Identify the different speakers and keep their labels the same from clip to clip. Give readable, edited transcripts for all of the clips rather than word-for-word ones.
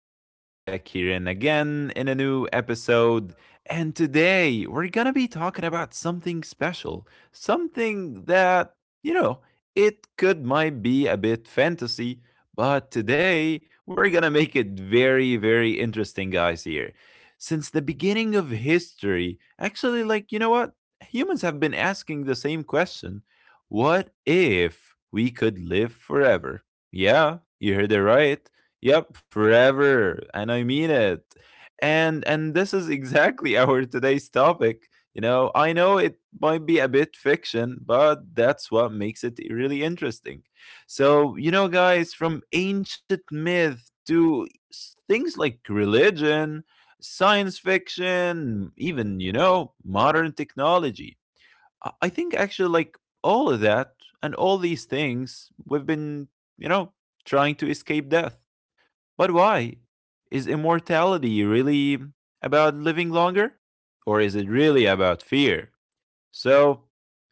Speaker 1: Youssef back here and again in a new episode. And today we're going to be talking about something special, something that, you know, it could might be a bit fantasy, but today we're going to make it very, very interesting, guys. Here, since the beginning of history, actually, like, you know what? Humans have been asking the same question. What if we could live forever? Yeah, you heard it right. Yep, forever, and I mean it. And this is exactly our today's topic. You know, I know it might be a bit fiction, but that's what makes it really interesting. So, you know, guys, from ancient myth to things like religion, science fiction, even, modern technology. I think actually, like all of that and all these things, we've been, you know, trying to escape death. But why? Is immortality really about living longer? Or is it really about fear? So,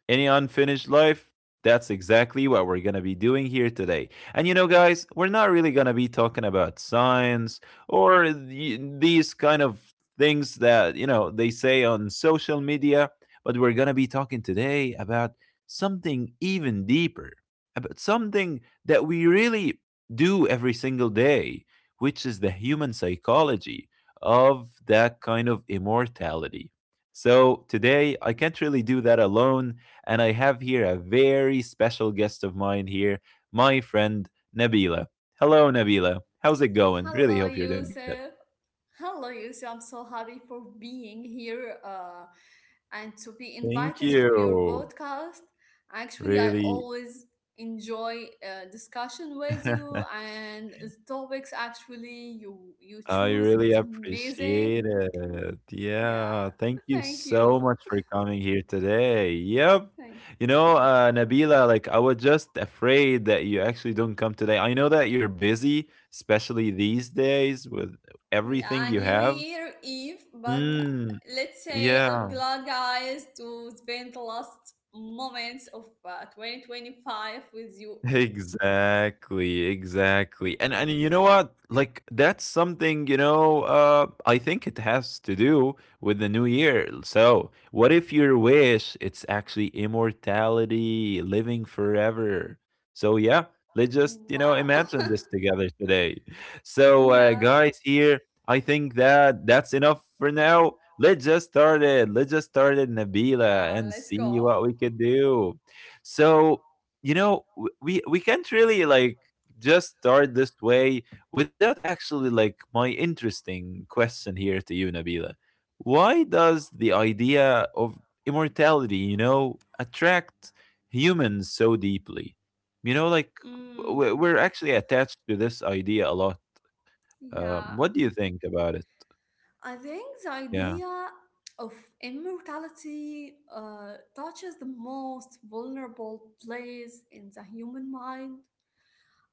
Speaker 1: any unfinished life? That's exactly what we're gonna be doing here today. And you know, guys, we're not really gonna be talking about science or these kind of things that, they say on social media, but we're gonna be talking today about something even deeper, about something that we really do every single day, which is the human psychology of that kind of immortality. So today I can't really do that alone, and I have here a very special guest of mine here, my friend Nabila. Hello, Nabila. How's it going? Really
Speaker 2: Hello,
Speaker 1: hope you're doing good.
Speaker 2: Yusuf. Hello, Yusuf. I'm so happy for being here and to be
Speaker 1: Thank
Speaker 2: invited for your
Speaker 1: you.
Speaker 2: podcast. Actually, I
Speaker 1: Really.
Speaker 2: always enjoy discussion with you and the topics actually you
Speaker 1: I
Speaker 2: choose.
Speaker 1: really
Speaker 2: It's amazing.
Speaker 1: appreciate it.
Speaker 2: Yeah.
Speaker 1: Yeah, thank you
Speaker 2: Thank
Speaker 1: so
Speaker 2: you.
Speaker 1: much for coming here today. Yep.
Speaker 2: Thank
Speaker 1: You know, Nabila, like I was just afraid that you actually don't come today. I know that you're busy, especially these days with everything
Speaker 2: Yeah,
Speaker 1: you
Speaker 2: New
Speaker 1: have.
Speaker 2: Year Eve, but
Speaker 1: Mm,
Speaker 2: let's say
Speaker 1: yeah.
Speaker 2: I'm glad, guys, to spend the last moments of 2025 with you.
Speaker 1: Exactly, exactly. And you know what? Like that's something, I think it has to do with the new year. So, what if your wish it's actually immortality, living forever? So, yeah, let's just,
Speaker 2: Wow.
Speaker 1: imagine this together today. So,
Speaker 2: Yeah,
Speaker 1: guys here, I think that that's enough for now. Let's just start it. Let's just start it, Nabila,
Speaker 2: yeah,
Speaker 1: and
Speaker 2: let's
Speaker 1: see
Speaker 2: go.
Speaker 1: what we could do. So, you know we can't really like just start this way without actually like my interesting question here to you, Nabila. Why does the idea of immortality, attract humans so deeply? you know like
Speaker 2: Mm,
Speaker 1: we're actually attached to this idea a lot.
Speaker 2: yeah,
Speaker 1: What do you think about it?
Speaker 2: I think the
Speaker 1: Yeah.
Speaker 2: idea of immortality touches the most vulnerable place in the human mind,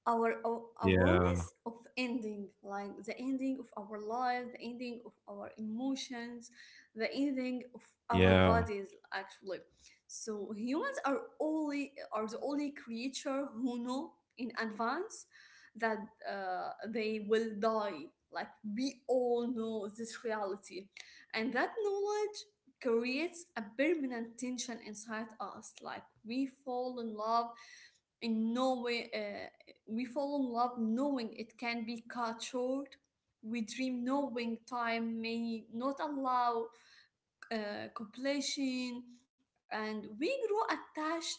Speaker 2: our
Speaker 1: Yeah.
Speaker 2: awareness of ending, like the ending of our life, the ending of our emotions, the ending of our
Speaker 1: Yeah.
Speaker 2: bodies actually. So humans are the only creature who know in advance that they will die. Like, we all know this reality, and that knowledge creates a permanent tension inside us. Like, we fall in love in no way, we fall in love knowing it can be cut short. We dream knowing time may not allow completion. And we grow attached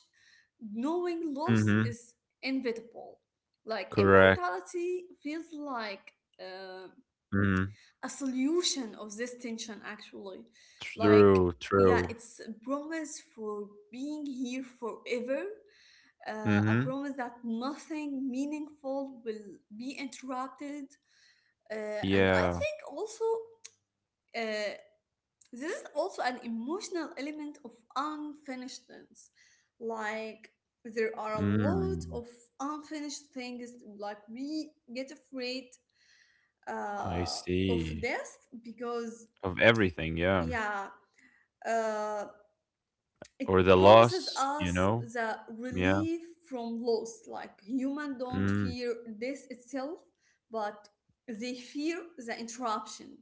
Speaker 2: knowing loss
Speaker 1: Mm-hmm.
Speaker 2: is inevitable. Like
Speaker 1: Correct.
Speaker 2: immortality feels like uh,
Speaker 1: Mm.
Speaker 2: a solution of this tension actually. Like,
Speaker 1: True,
Speaker 2: yeah,
Speaker 1: true.
Speaker 2: it's a promise for being here forever, a
Speaker 1: Mm-hmm.
Speaker 2: promise that nothing meaningful will be interrupted. And I
Speaker 1: Yeah.
Speaker 2: think also, uh, this is also an emotional element of unfinishedness. Like, there are a lot
Speaker 1: Mm.
Speaker 2: of unfinished things. Like, we get afraid
Speaker 1: I
Speaker 2: uh, of
Speaker 1: see.
Speaker 2: death because
Speaker 1: Of everything, yeah.
Speaker 2: Yeah, uh,
Speaker 1: Or
Speaker 2: it
Speaker 1: the
Speaker 2: promises
Speaker 1: loss, you
Speaker 2: us
Speaker 1: know?
Speaker 2: the
Speaker 1: Yeah.
Speaker 2: relief from loss. Like, human don't
Speaker 1: Mm,
Speaker 2: fear this itself, but they fear the interruption,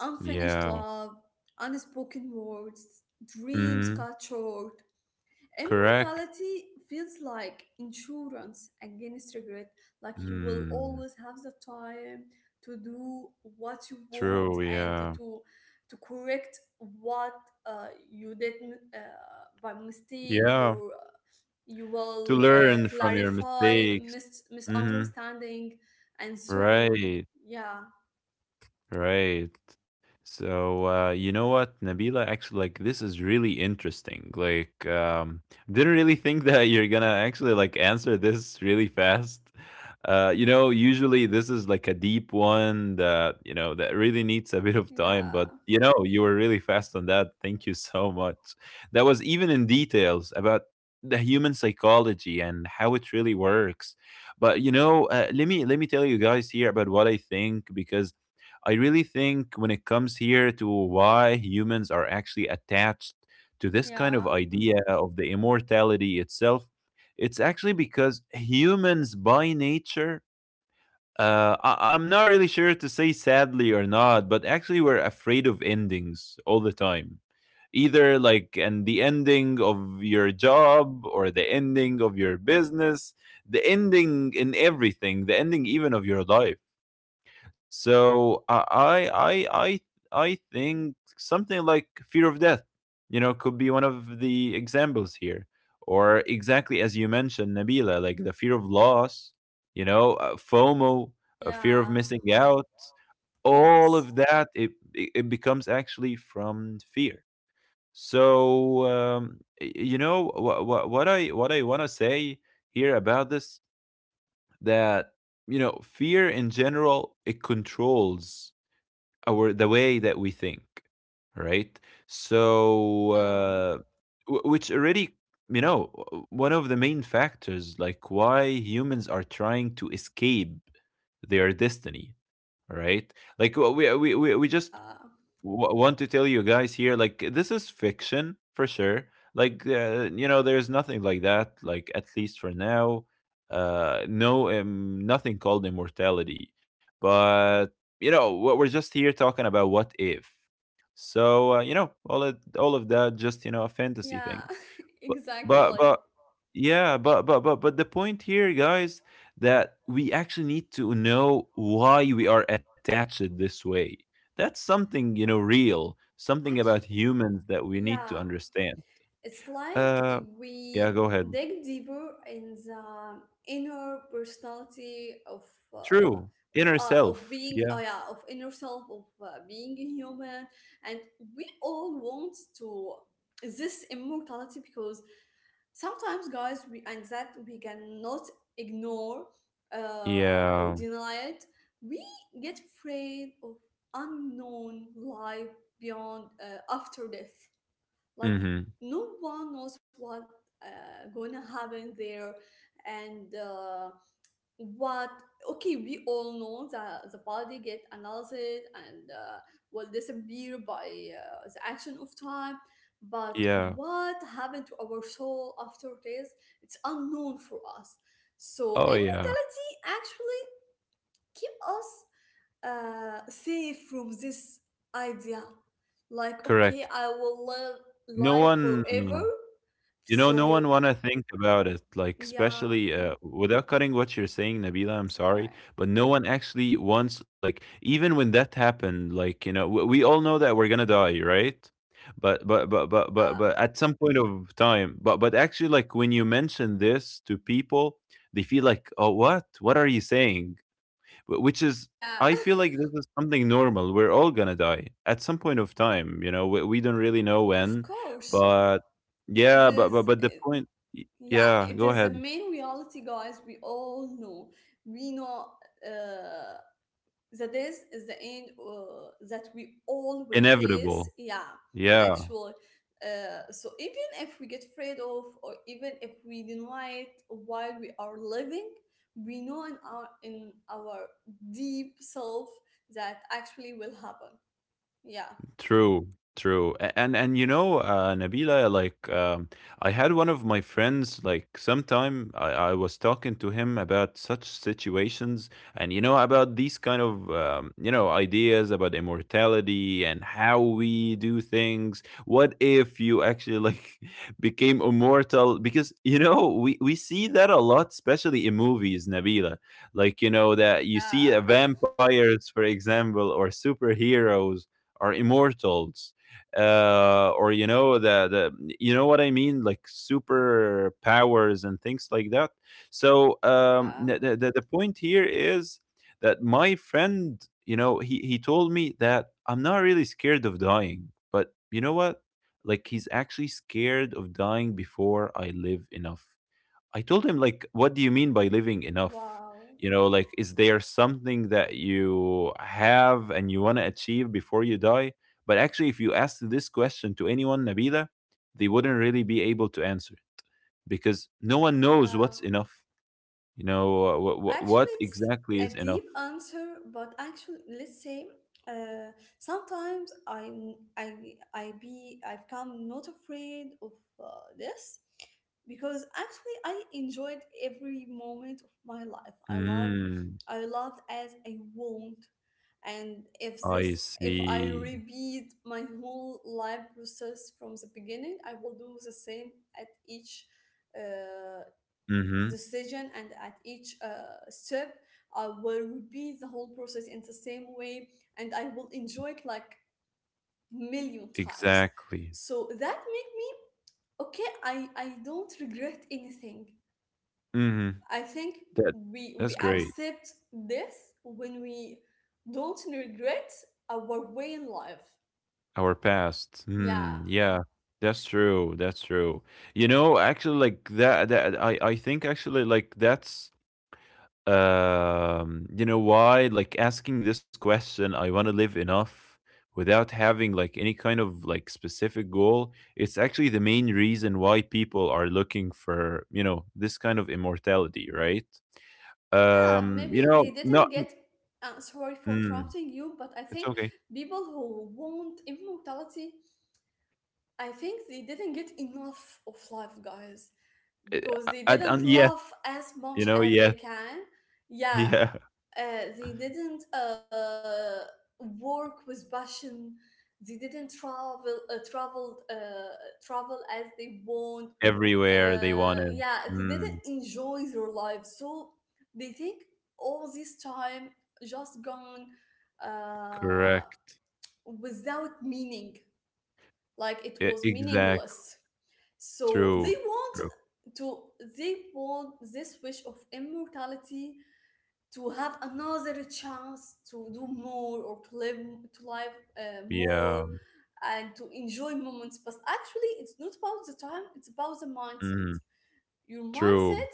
Speaker 2: unfinished
Speaker 1: yeah.
Speaker 2: love, unspoken words, dreams
Speaker 1: Mhm.
Speaker 2: cut short.
Speaker 1: Correct.
Speaker 2: Immortality feels like insurance against regret, like you will
Speaker 1: Mm,
Speaker 2: always have the time to do what you
Speaker 1: true,
Speaker 2: want and
Speaker 1: yeah.
Speaker 2: to correct what you did by mistake,
Speaker 1: Yeah.
Speaker 2: or you
Speaker 1: To
Speaker 2: will
Speaker 1: learn from your
Speaker 2: clarify
Speaker 1: mistakes. Mhm.
Speaker 2: misunderstanding and so on.
Speaker 1: Right.
Speaker 2: Yeah,
Speaker 1: Right. So you know what, Nabila? Actually, like this is really interesting. Like, didn't really think that you're gonna actually like answer this really fast. You know, usually this is like a deep one that that really needs a bit of
Speaker 2: yeah,
Speaker 1: time. But you were really fast on that. Thank you so much. That was even in details about the human psychology and how it really works. But you know, let me tell you guys here about what I think, because I really think when it comes here to why humans are actually attached to this kind
Speaker 2: yeah,
Speaker 1: of idea of the immortality itself, it's actually because humans by nature, I'm not really sure to say sadly or not, but actually we're afraid of endings all the time. Either like and the ending of your job or the ending of your business, the ending in everything, the ending even of your life. So I think something like fear of death, you know, could be one of the examples here, or exactly as you mentioned, Nabila, like the fear of loss, you know, FOMO, a fear
Speaker 2: yeah,
Speaker 1: of missing out.
Speaker 2: yes,
Speaker 1: All of that, it becomes actually from fear. So you know what I want to say here about this, that you know fear in general, it controls our the way that we think, right? So
Speaker 2: yeah,
Speaker 1: which already, you know, one of the main factors like why humans are trying to escape their destiny, right? Like we
Speaker 2: yeah.
Speaker 1: just want to tell you guys here, like this is fiction for sure. Like you know, there's nothing like that, like at least for now. No, nothing called immortality. But you know what, we're just here talking about what if. So you know, all of that, just you know a fantasy
Speaker 2: Yeah,
Speaker 1: thing. But
Speaker 2: exactly.
Speaker 1: but but yeah, but the point here, guys, that we actually need to know why we are attached this way. That's something, real, something about
Speaker 2: Actually,
Speaker 1: humans that we need
Speaker 2: yeah,
Speaker 1: to understand.
Speaker 2: it's like
Speaker 1: Uh yeah,
Speaker 2: we
Speaker 1: go ahead.
Speaker 2: dig deeper in the inner personality of uh,
Speaker 1: True. Inner
Speaker 2: of
Speaker 1: self.
Speaker 2: being
Speaker 1: Yeah.
Speaker 2: oh yeah of inner self of being a human, and we all want to this immortality because sometimes, guys, we and that we cannot ignore or
Speaker 1: Yeah.
Speaker 2: deny it. We get afraid of unknown life beyond, after death. Like,
Speaker 1: Mhm.
Speaker 2: no one knows what gonna happen there. And what okay, we all know that the body get analyzed and will disappear by the action of time, but
Speaker 1: Yeah.
Speaker 2: what happened to our soul after this, it's unknown for us. So
Speaker 1: Oh yeah.
Speaker 2: immortality actually keep us safe from this idea. Like,
Speaker 1: Correct.
Speaker 2: okay, I will live
Speaker 1: No
Speaker 2: life
Speaker 1: one
Speaker 2: forever.
Speaker 1: You know, no one
Speaker 2: So,
Speaker 1: wanna think about it, like, especially,
Speaker 2: yeah,
Speaker 1: without cutting what you're saying, Nabila, I'm
Speaker 2: it's
Speaker 1: sorry,
Speaker 2: okay.
Speaker 1: but no one actually wants, like, even when that happened, like, we all know that we're gonna die, right? But
Speaker 2: Yeah,
Speaker 1: at some point of time, but actually, like, when you mention this to people, they feel like, "Oh, what? What are you saying?" Which is,
Speaker 2: yeah,
Speaker 1: I feel like this is something normal, we're all gonna die at some point of time. You know, we don't really know
Speaker 2: of
Speaker 1: when.
Speaker 2: course.
Speaker 1: But
Speaker 2: It
Speaker 1: yeah,
Speaker 2: is,
Speaker 1: but the point,
Speaker 2: yeah,
Speaker 1: yeah,
Speaker 2: it
Speaker 1: go
Speaker 2: is the
Speaker 1: ahead.
Speaker 2: main reality, guys. We all know. We know. Uh, the days is the end that we all will face.
Speaker 1: Inevitable.
Speaker 2: Yeah,
Speaker 1: Yeah.
Speaker 2: actual, so even if we get afraid of, or even if we deny it while we are living, we know in our deep self that actually will happen. Yeah,
Speaker 1: True, true. And Nabila, like I had one of my friends, like sometime I was talking to him about such situations, and you know about these kind of ideas about immortality and how we do things. What if you actually like became immortal? Because we see that a lot, especially in movies, Nabila. Like you know that you see
Speaker 2: yeah,
Speaker 1: vampires, for example, or superheroes are immortals. Or you know the you know what I mean, like super powers and things like that. So
Speaker 2: yeah,
Speaker 1: the point here is that my friend, you know, he told me that I'm not really scared of dying, but you know what, like he's actually scared of dying before I live enough. I told him like, "What do you mean by living enough?
Speaker 2: wow,
Speaker 1: Like, is there something that you have and you want to achieve before you die?" But actually, if you asked this question to anyone, Nabila, they wouldn't really be able to answer it, because no one knows
Speaker 2: yeah.
Speaker 1: what's enough.
Speaker 2: Actually,
Speaker 1: What
Speaker 2: it's
Speaker 1: exactly
Speaker 2: a
Speaker 1: is enough?
Speaker 2: deep answer, but actually, let's say, uh, sometimes I be I become not afraid of uh, this because actually I enjoyed every moment of my life. I love
Speaker 1: Mm,
Speaker 2: I loved as I want, and if
Speaker 1: I
Speaker 2: this if I
Speaker 1: see.
Speaker 2: repeat my whole life process from the beginning, I will do the same at each uh,
Speaker 1: Mm-hmm.
Speaker 2: decision and at each step. I will repeat the whole process in the same way, and I will enjoy it like million times,
Speaker 1: Exactly.
Speaker 2: so that make me okay, i don't regret anything.
Speaker 1: Mm-hmm.
Speaker 2: I think
Speaker 1: That that's
Speaker 2: we
Speaker 1: great.
Speaker 2: accept this when we don't regret our way in life.
Speaker 1: Our past.
Speaker 2: Yeah,
Speaker 1: Hmm. Yeah, that's true. That's true. You know, actually, like that. That I think actually like that's. You know why? Like asking this question, I want to live enough without having like any kind of like specific goal. It's actually the main reason why people are looking for this kind of immortality, right?
Speaker 2: yeah, maybe
Speaker 1: You
Speaker 2: they
Speaker 1: know, not.
Speaker 2: didn't get, sorry for
Speaker 1: Mm,
Speaker 2: interrupting you, but I
Speaker 1: it's
Speaker 2: think
Speaker 1: okay.
Speaker 2: people who want immortality, I think they didn't get enough of life, guys,
Speaker 1: Uh,
Speaker 2: because they didn't
Speaker 1: and yet,
Speaker 2: love as much as they
Speaker 1: yet.
Speaker 2: can. Yeah,
Speaker 1: Yeah.
Speaker 2: uh, they didn't work with passion. They didn't travel, travel as they want.
Speaker 1: Everywhere they wanted.
Speaker 2: Yeah, they didn't
Speaker 1: Mm,
Speaker 2: enjoy their life, so they think all this time just gone uh,
Speaker 1: correct.
Speaker 2: without meaning. Like, it
Speaker 1: E
Speaker 2: was
Speaker 1: exact.
Speaker 2: meaningless, so they
Speaker 1: True,
Speaker 2: want
Speaker 1: true.
Speaker 2: to they want this wish of immortality to have another chance to do more, or to live
Speaker 1: Yeah.
Speaker 2: more and to enjoy moments. But actually, it's not about the time, it's about the mindset.
Speaker 1: Mhm.
Speaker 2: Your
Speaker 1: True.
Speaker 2: mindset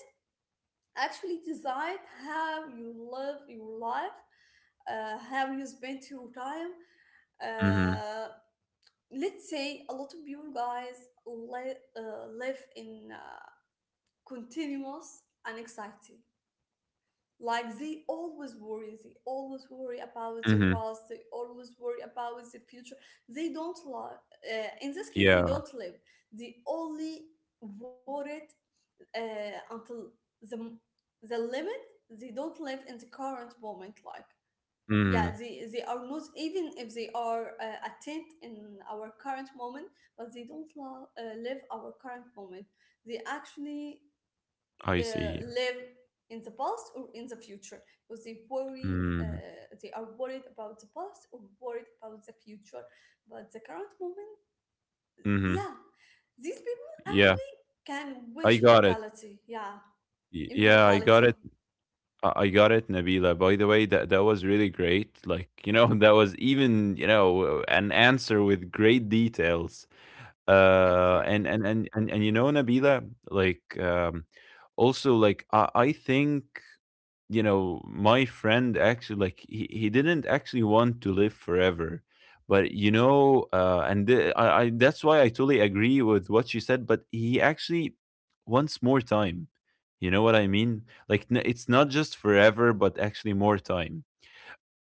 Speaker 2: actually decide how you live your life, how you spend your time.
Speaker 1: Mhm,
Speaker 2: uh, let's say a lot of you guys live in continuous anxiety. Like, they always worry, they always worry about their
Speaker 1: mhm.
Speaker 2: past, they always worry about their future. They don't love, in this case, they
Speaker 1: Yeah.
Speaker 2: don't live. They only worry until the the limit. They don't live in the current moment. Like, yeah,
Speaker 1: Mhm.
Speaker 2: they are not, even if they are attent in our current moment, but they don't live our current moment. They actually
Speaker 1: I see.
Speaker 2: live in the past or in the future because they worry,
Speaker 1: Mm,
Speaker 2: they are worried about the past or worried about the future. But the current moment,
Speaker 1: mhm.
Speaker 2: yeah, these people
Speaker 1: Yeah.
Speaker 2: actually can
Speaker 1: I
Speaker 2: wish
Speaker 1: got it.
Speaker 2: mortality. Yeah,
Speaker 1: Y yeah, I got
Speaker 2: immortality.
Speaker 1: it. I got it, Nabila. By the way, that was really great. Like, that was even, an answer with great details.
Speaker 2: Thank you.
Speaker 1: And Nabila, like also like I think you know my friend actually like he didn't actually want to live forever, but and th- I that's why I totally agree with what she said. But he actually wants more time. You know what I mean? Like, it's not just forever, but actually more time,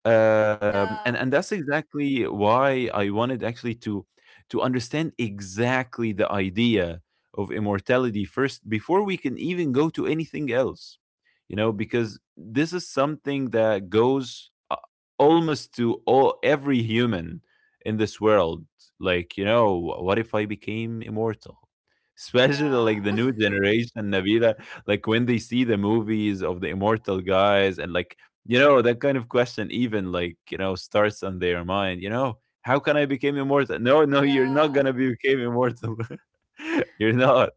Speaker 2: Yeah,
Speaker 1: and that's exactly why I wanted actually to understand exactly the idea of immortality first before we can even go to anything else, you know, because this is something that goes, almost to all every human in this world. Like, you know, what if I became immortal? Especially like
Speaker 2: yeah,
Speaker 1: the new generation, Nabila, like when they see the movies of the immortal guys, and like, you know, that kind of question even like, you know, starts on their mind. You know, how can I become immortal? No, no, you're not
Speaker 2: yeah,
Speaker 1: gonna be become immortal. You're not.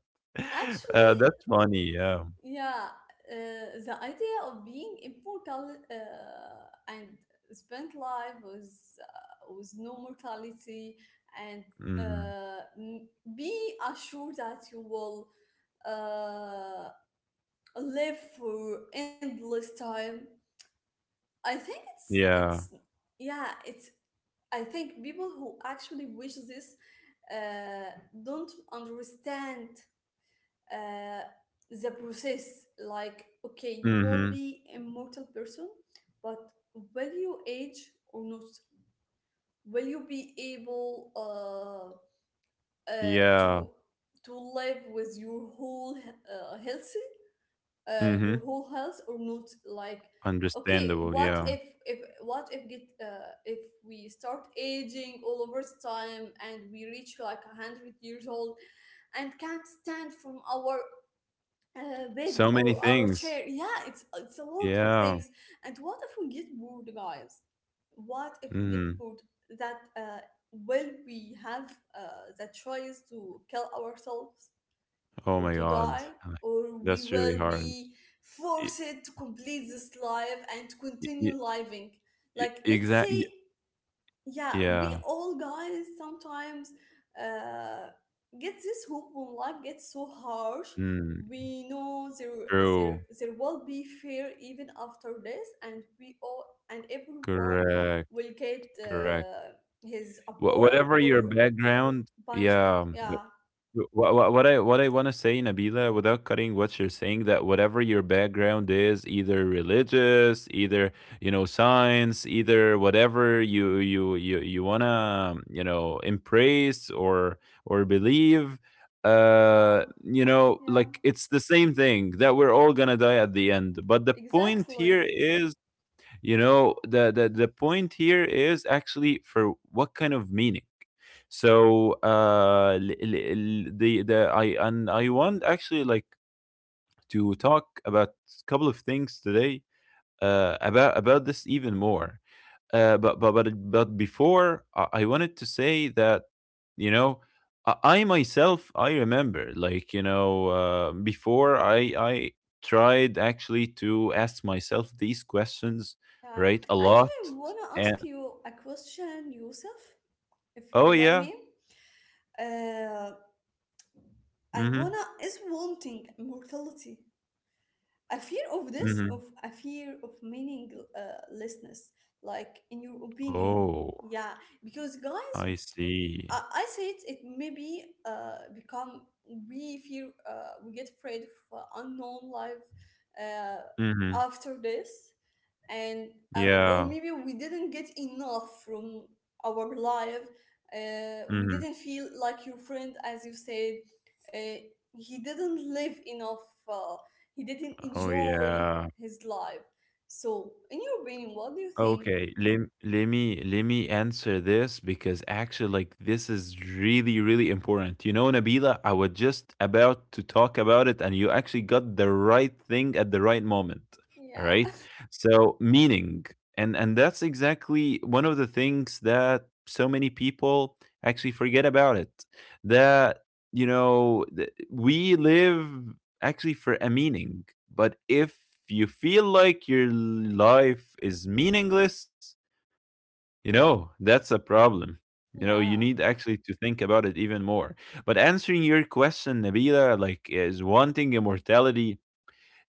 Speaker 2: actually
Speaker 1: That's funny. Yeah.
Speaker 2: Yeah, the idea of being immortal and spent life with, with no mortality, and
Speaker 1: Hmm.
Speaker 2: uh, m- be assured that you will uh, live for endless time. I think
Speaker 1: Yeah.
Speaker 2: it's yeah, it's I think people who actually wish this, uh, don't understand uh, the process. Like, okay, you will
Speaker 1: Hmm.
Speaker 2: be immortal person, but will you age or not? Will you be able, uh,
Speaker 1: Yeah.
Speaker 2: to to live with your whole health
Speaker 1: Hmm.
Speaker 2: your whole health or not? Like, okay,
Speaker 1: Understandable.
Speaker 2: what
Speaker 1: Yeah.
Speaker 2: if if what if get uh, if we start aging all over time and we reach like a 100 years old and can't stand from our bed
Speaker 1: So many
Speaker 2: or our
Speaker 1: things.
Speaker 2: chair. Yeah, it's a lot of
Speaker 1: Yeah.
Speaker 2: things. And what if we get bored, guys? What if we get
Speaker 1: Hmm.
Speaker 2: bored? That will we have the choice to kill ourselves
Speaker 1: Oh
Speaker 2: or
Speaker 1: my
Speaker 2: to
Speaker 1: god.
Speaker 2: die,
Speaker 1: Like,
Speaker 2: or we
Speaker 1: that's really
Speaker 2: will
Speaker 1: hard.
Speaker 2: be
Speaker 1: y-
Speaker 2: forced to complete this life and to
Speaker 1: y-
Speaker 2: continue
Speaker 1: y-
Speaker 2: living? Like, let's say
Speaker 1: exactly.
Speaker 2: yeah, we
Speaker 1: Yeah.
Speaker 2: all, guys, sometimes uh, get this hope when life gets so harsh.
Speaker 1: Mm,
Speaker 2: We know there there
Speaker 1: true.
Speaker 2: there will be fear even after this, and we all and everyone
Speaker 1: Correct.
Speaker 2: will get
Speaker 1: Correct.
Speaker 2: his award
Speaker 1: Whatever
Speaker 2: or
Speaker 1: your background.
Speaker 2: punishment.
Speaker 1: Yeah, no.
Speaker 2: Yeah,
Speaker 1: What I wanna say, Nabila, without cutting what you're saying, that whatever your background is, either religious, either, you know, science, either whatever you wanna, you know, embrace or believe,
Speaker 2: yeah,
Speaker 1: you know,
Speaker 2: yeah,
Speaker 1: like, it's the same thing that we're all gonna die at the end. But the point
Speaker 2: exactly,
Speaker 1: here is, you know, the point here is actually for what kind of meaning. So the I and I want actually like to talk about a couple of things today, about this even more, but before I wanted to say that, you know, I myself I remember, like, you know, before I tried actually to ask myself these questions,
Speaker 2: yeah,
Speaker 1: right, a
Speaker 2: actually I
Speaker 1: lot.
Speaker 2: want to
Speaker 1: And.
Speaker 2: ask you a question, Yusuf, if
Speaker 1: Oh
Speaker 2: you let
Speaker 1: yeah.
Speaker 2: me, uh,
Speaker 1: Mm-hmm.
Speaker 2: Ivana is wanting mortality. A fear of this,
Speaker 1: Mm-hmm.
Speaker 2: of a fear of meaninglessness, like in your opinion.
Speaker 1: Oh,
Speaker 2: Yeah, because, guys,
Speaker 1: I see.
Speaker 2: I say it, it maybe become we fear, we get afraid of unknown life uh,
Speaker 1: Mm-hmm.
Speaker 2: after this, and or
Speaker 1: Yeah.
Speaker 2: maybe we didn't get enough from our life. We
Speaker 1: Mm-hmm.
Speaker 2: didn't feel, like your friend as you said, uh, he didn't live enough, uh, he didn't
Speaker 1: Oh
Speaker 2: enjoy
Speaker 1: yeah.
Speaker 2: his life. So in your opinion, what do you think?
Speaker 1: Okay, let me answer this because actually like this is really really important. You know, Nabila, I was just about to talk about it and you actually got the right thing at the right moment. All
Speaker 2: Yeah,
Speaker 1: right? So, meaning, and that's exactly one of the things that so many people actually forget about it. That, you know, we live actually for a meaning. But if you feel like your life is meaningless, you know, that's a problem. You know, you
Speaker 2: yeah,
Speaker 1: need actually to think about it even more. But answering your question, Nabila, like is wanting immortality,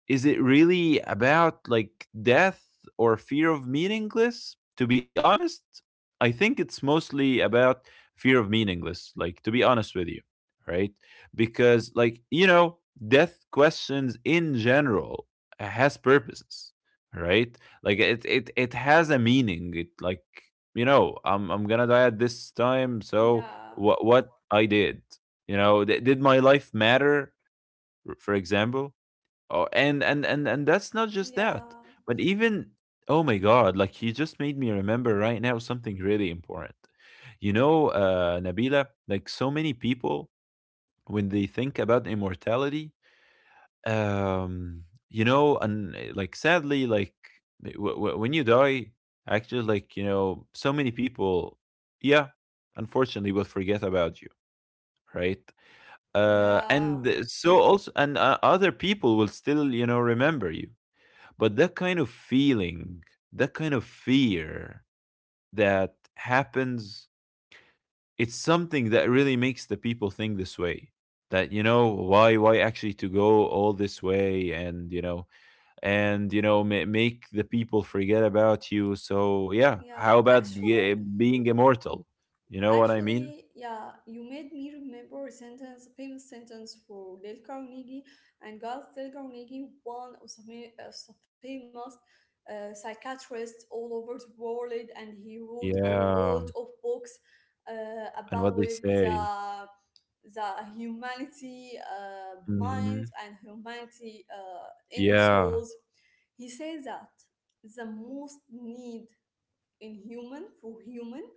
Speaker 1: is it really about like death or fear of meaningless? To be honest, I think it's mostly about fear of meaningless, like to be honest with you, right? Because, like, you know, death questions in general has purposes, right? Like it has a meaning. It, like, you know, I'm going to die at this time, so
Speaker 2: yeah,
Speaker 1: what I did, you know, did my life matter, for example? Oh, and that's not just that,
Speaker 2: yeah,
Speaker 1: but even, oh my god, like you just made me remember right now something really important. You know, Nabila, like so many people when they think about immortality, um, you know, and like sadly, like when you die, actually, like, you know, so many people, yeah, unfortunately, will forget about you, right?
Speaker 2: yeah,
Speaker 1: And so also, and other people will still, you know, remember you. But that kind of feeling, that kind of fear that happens, it's something that really makes the people think this way. That, you know, why actually to go all this way, and you know, and you know, make the people forget about you. So, yeah, how
Speaker 2: yeah,
Speaker 1: about
Speaker 2: actually
Speaker 1: being immortal? You know what I mean?
Speaker 2: Actually, yeah, you made me remember a sentence, a famous sentence for Dale Carnegie, and, guys, Dale Carnegie, one of the, of the famous psychiatrists all over the world, and he wrote a
Speaker 1: Yeah,
Speaker 2: lot of books
Speaker 1: and what they
Speaker 2: about
Speaker 1: say.
Speaker 2: the the humanity mind
Speaker 1: Hmm.
Speaker 2: and humanity inner
Speaker 1: Yeah.
Speaker 2: souls. He says that the most need in human for human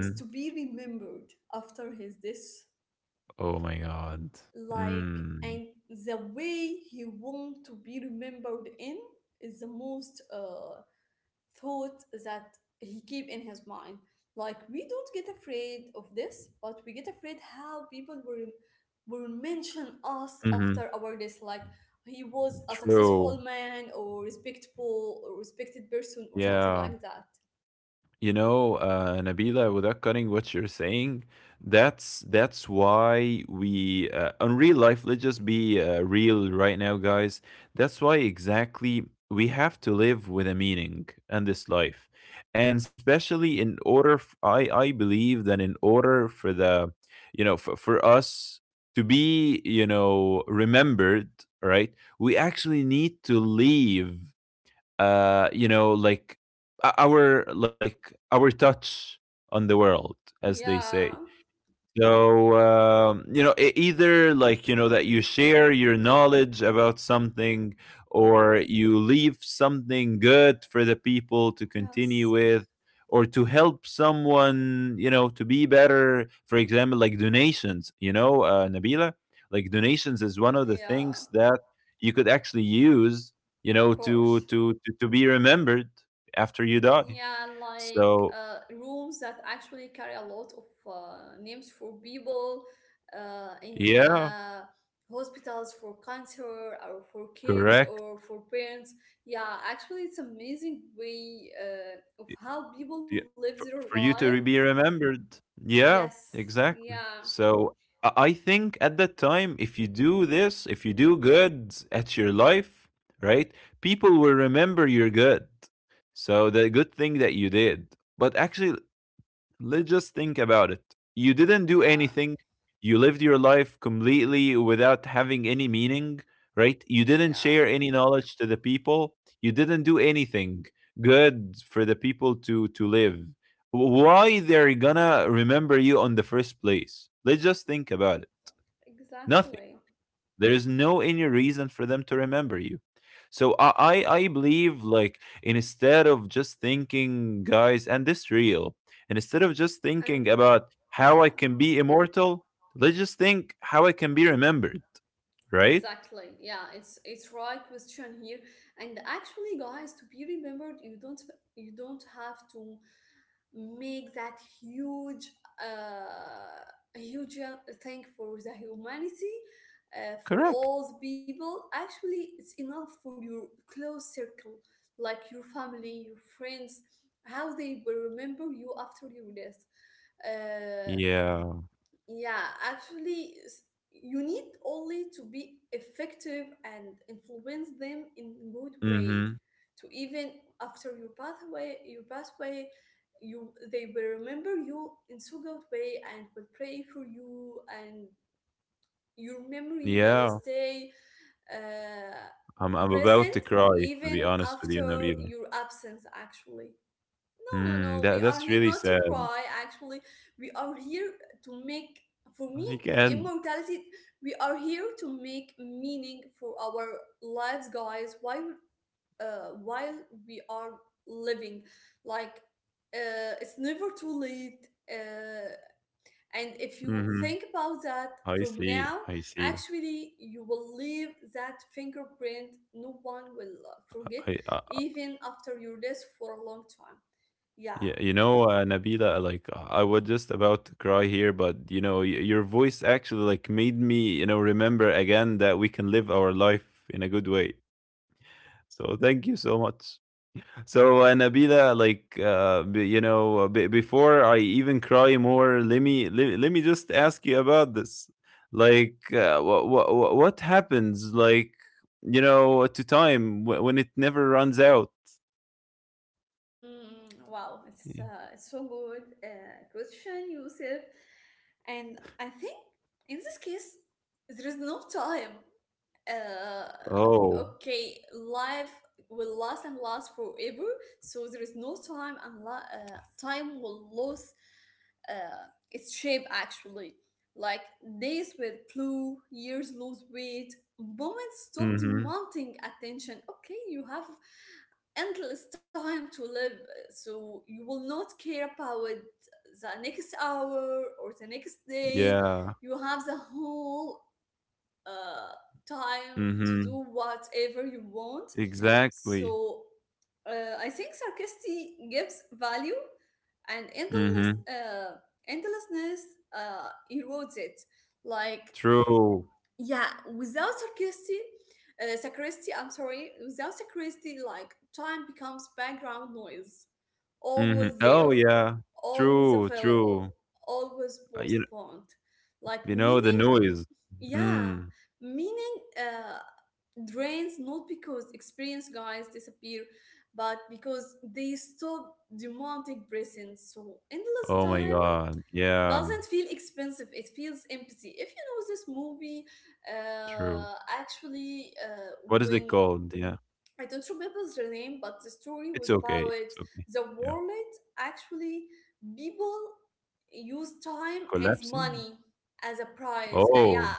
Speaker 2: is to be remembered after his death.
Speaker 1: Oh my God.
Speaker 2: Like,
Speaker 1: Mm.
Speaker 2: and the way he want to be remembered in is the most thought that he keep in his mind. Like, we don't get afraid of this, but we get afraid how people will mention us
Speaker 1: Hmm.
Speaker 2: after our death. Like, he was a successful
Speaker 1: True.
Speaker 2: man, or respectable, or respected person, or something
Speaker 1: Yeah,
Speaker 2: like that.
Speaker 1: you know, Nabila, without cutting what you're saying, that's why we, on real life. Let's just be, real right now, guys. That's why exactly we have to live with a meaning in this life, and especially in order, I believe that in order for the, you know, for us to be, you know, remembered, right? We actually need to leave, you know, like our touch on the world, as they say.
Speaker 2: Yeah,
Speaker 1: So, you know, either like, you know, that you share your knowledge about something, or you leave something good for the people to continue
Speaker 2: yes,
Speaker 1: with, or to help someone, you know, to be better. For example, like donations, you know, Nabila, like donations is one of the
Speaker 2: yeah,
Speaker 1: things that you could actually use, you
Speaker 2: of
Speaker 1: know, to,
Speaker 2: course.
Speaker 1: to, to, to be remembered after you die.
Speaker 2: Yeah, like,
Speaker 1: So,
Speaker 2: rooms that actually carry a lot of names for people in
Speaker 1: yeah,
Speaker 2: hospitals for cancer or for kids
Speaker 1: correct.
Speaker 2: or for parents. Yeah, actually, it's amazing way of how people
Speaker 1: Yeah,
Speaker 2: live
Speaker 1: for
Speaker 2: their
Speaker 1: you
Speaker 2: life.
Speaker 1: to re be remembered. Yeah,
Speaker 2: Yes.
Speaker 1: exactly.
Speaker 2: Yeah.
Speaker 1: So, I think at that time, if you do this, if you do good at your life, right, people will remember you're good. So the good thing that you did. But actually, let's just think about it. You didn't do
Speaker 2: Yeah.
Speaker 1: anything. You lived your life completely without having any meaning, right? You didn't
Speaker 2: Yeah.
Speaker 1: share any knowledge to the people. You didn't do anything good for the people to live. Why they're gonna remember you on the first place? Let's just think about it. Nothing.
Speaker 2: Exactly.
Speaker 1: There is no any reason for them to remember you. So I believe, like, instead of just thinking, guys, and this real, and instead of just
Speaker 2: And
Speaker 1: thinking about how
Speaker 2: yeah.
Speaker 1: I can be immortal, let's just think how I can be remembered, right?
Speaker 2: Exactly. Yeah, it's right question here. And actually, guys, to be remembered, you don't, you don't have to make that huge uh thing for the humanity, for
Speaker 1: Correct.
Speaker 2: all the people. Actually, it's enough for your close circle, like your family, your friends, how they will remember you after your death. Uh,
Speaker 1: Yeah.
Speaker 2: yeah, actually, you need only to be effective and influence them in good way.
Speaker 1: Mm-hmm.
Speaker 2: To even after your pathway, you they will remember you in so good way and will pray for you, and your memory will
Speaker 1: Yeah.
Speaker 2: stay, uh,
Speaker 1: I'm about
Speaker 2: present
Speaker 1: to cry, to be
Speaker 2: even
Speaker 1: honest with you,
Speaker 2: after
Speaker 1: Nabila.
Speaker 2: your absence. Actually, no, no, no.
Speaker 1: Mm,
Speaker 2: We
Speaker 1: that
Speaker 2: are
Speaker 1: that's
Speaker 2: here
Speaker 1: really
Speaker 2: not to
Speaker 1: sad.
Speaker 2: cry, actually. We are here to make, for me,
Speaker 1: I can.
Speaker 2: immortality. We are here to make meaning for our lives, guys, while, uh, while we are living. Like, it's never too late. Uh, and if you
Speaker 1: Mm-hmm.
Speaker 2: think about that
Speaker 1: I
Speaker 2: from
Speaker 1: see.
Speaker 2: now,
Speaker 1: I see.
Speaker 2: actually, you will leave that fingerprint. No one will forget,
Speaker 1: I
Speaker 2: even after you're dead for a long time. Yeah.
Speaker 1: Yeah, you know, Nabila, like I was just about to cry here, but you know, your voice actually like made me, you know, remember again that we can live our life in a good way. So thank you so much. So, Nabila, like, you know, before I even cry more, let me let me just ask you about this. Like, what happens? Like, you know, to time when it never runs out.
Speaker 2: Wow, it's
Speaker 1: Yeah.
Speaker 2: uh, it's so good question, Yusuf. And I think in this case, there is no time. Uh,
Speaker 1: Oh.
Speaker 2: okay, life will last and last forever, so there is no time, and time will lose its shape, actually. Like days will blue, years lose weight, moments stop
Speaker 1: Mm-hmm.
Speaker 2: demanding attention. Okay, you have endless time to live, so you will not care about the next hour or the next day.
Speaker 1: Yeah.
Speaker 2: You have the whole uh, time to
Speaker 1: Mm-hmm.
Speaker 2: do whatever you want.
Speaker 1: Exactly.
Speaker 2: So I think sarcastic gives value, and
Speaker 1: Mhm.
Speaker 2: endlessness erodes it. Like,
Speaker 1: True.
Speaker 2: yeah. Without sacristy, I'm sorry, without sacristy, like time becomes background noise,
Speaker 1: Mhm.
Speaker 2: always
Speaker 1: Oh,
Speaker 2: there,
Speaker 1: yeah.
Speaker 2: always
Speaker 1: True, true.
Speaker 2: available, always
Speaker 1: Uh, you kn
Speaker 2: postponed. Like,
Speaker 1: you know, the
Speaker 2: meaning,
Speaker 1: noise.
Speaker 2: yeah,
Speaker 1: Mm.
Speaker 2: meaning drains, not because experienced guys disappear, but because they stop demanding presence. So endless
Speaker 1: Oh my
Speaker 2: time
Speaker 1: god. Yeah.
Speaker 2: doesn't feel expensive, it feels empty. If you know this movie,
Speaker 1: True.
Speaker 2: uh actually,
Speaker 1: What is it
Speaker 2: when...
Speaker 1: called? Yeah.
Speaker 2: I don't remember the name, but the story was
Speaker 1: It's
Speaker 2: about
Speaker 1: okay. It's okay.
Speaker 2: the
Speaker 1: Yeah.
Speaker 2: world. Actually, people use time as
Speaker 1: Collapsing?
Speaker 2: money, as a price, yeah,
Speaker 1: Oh,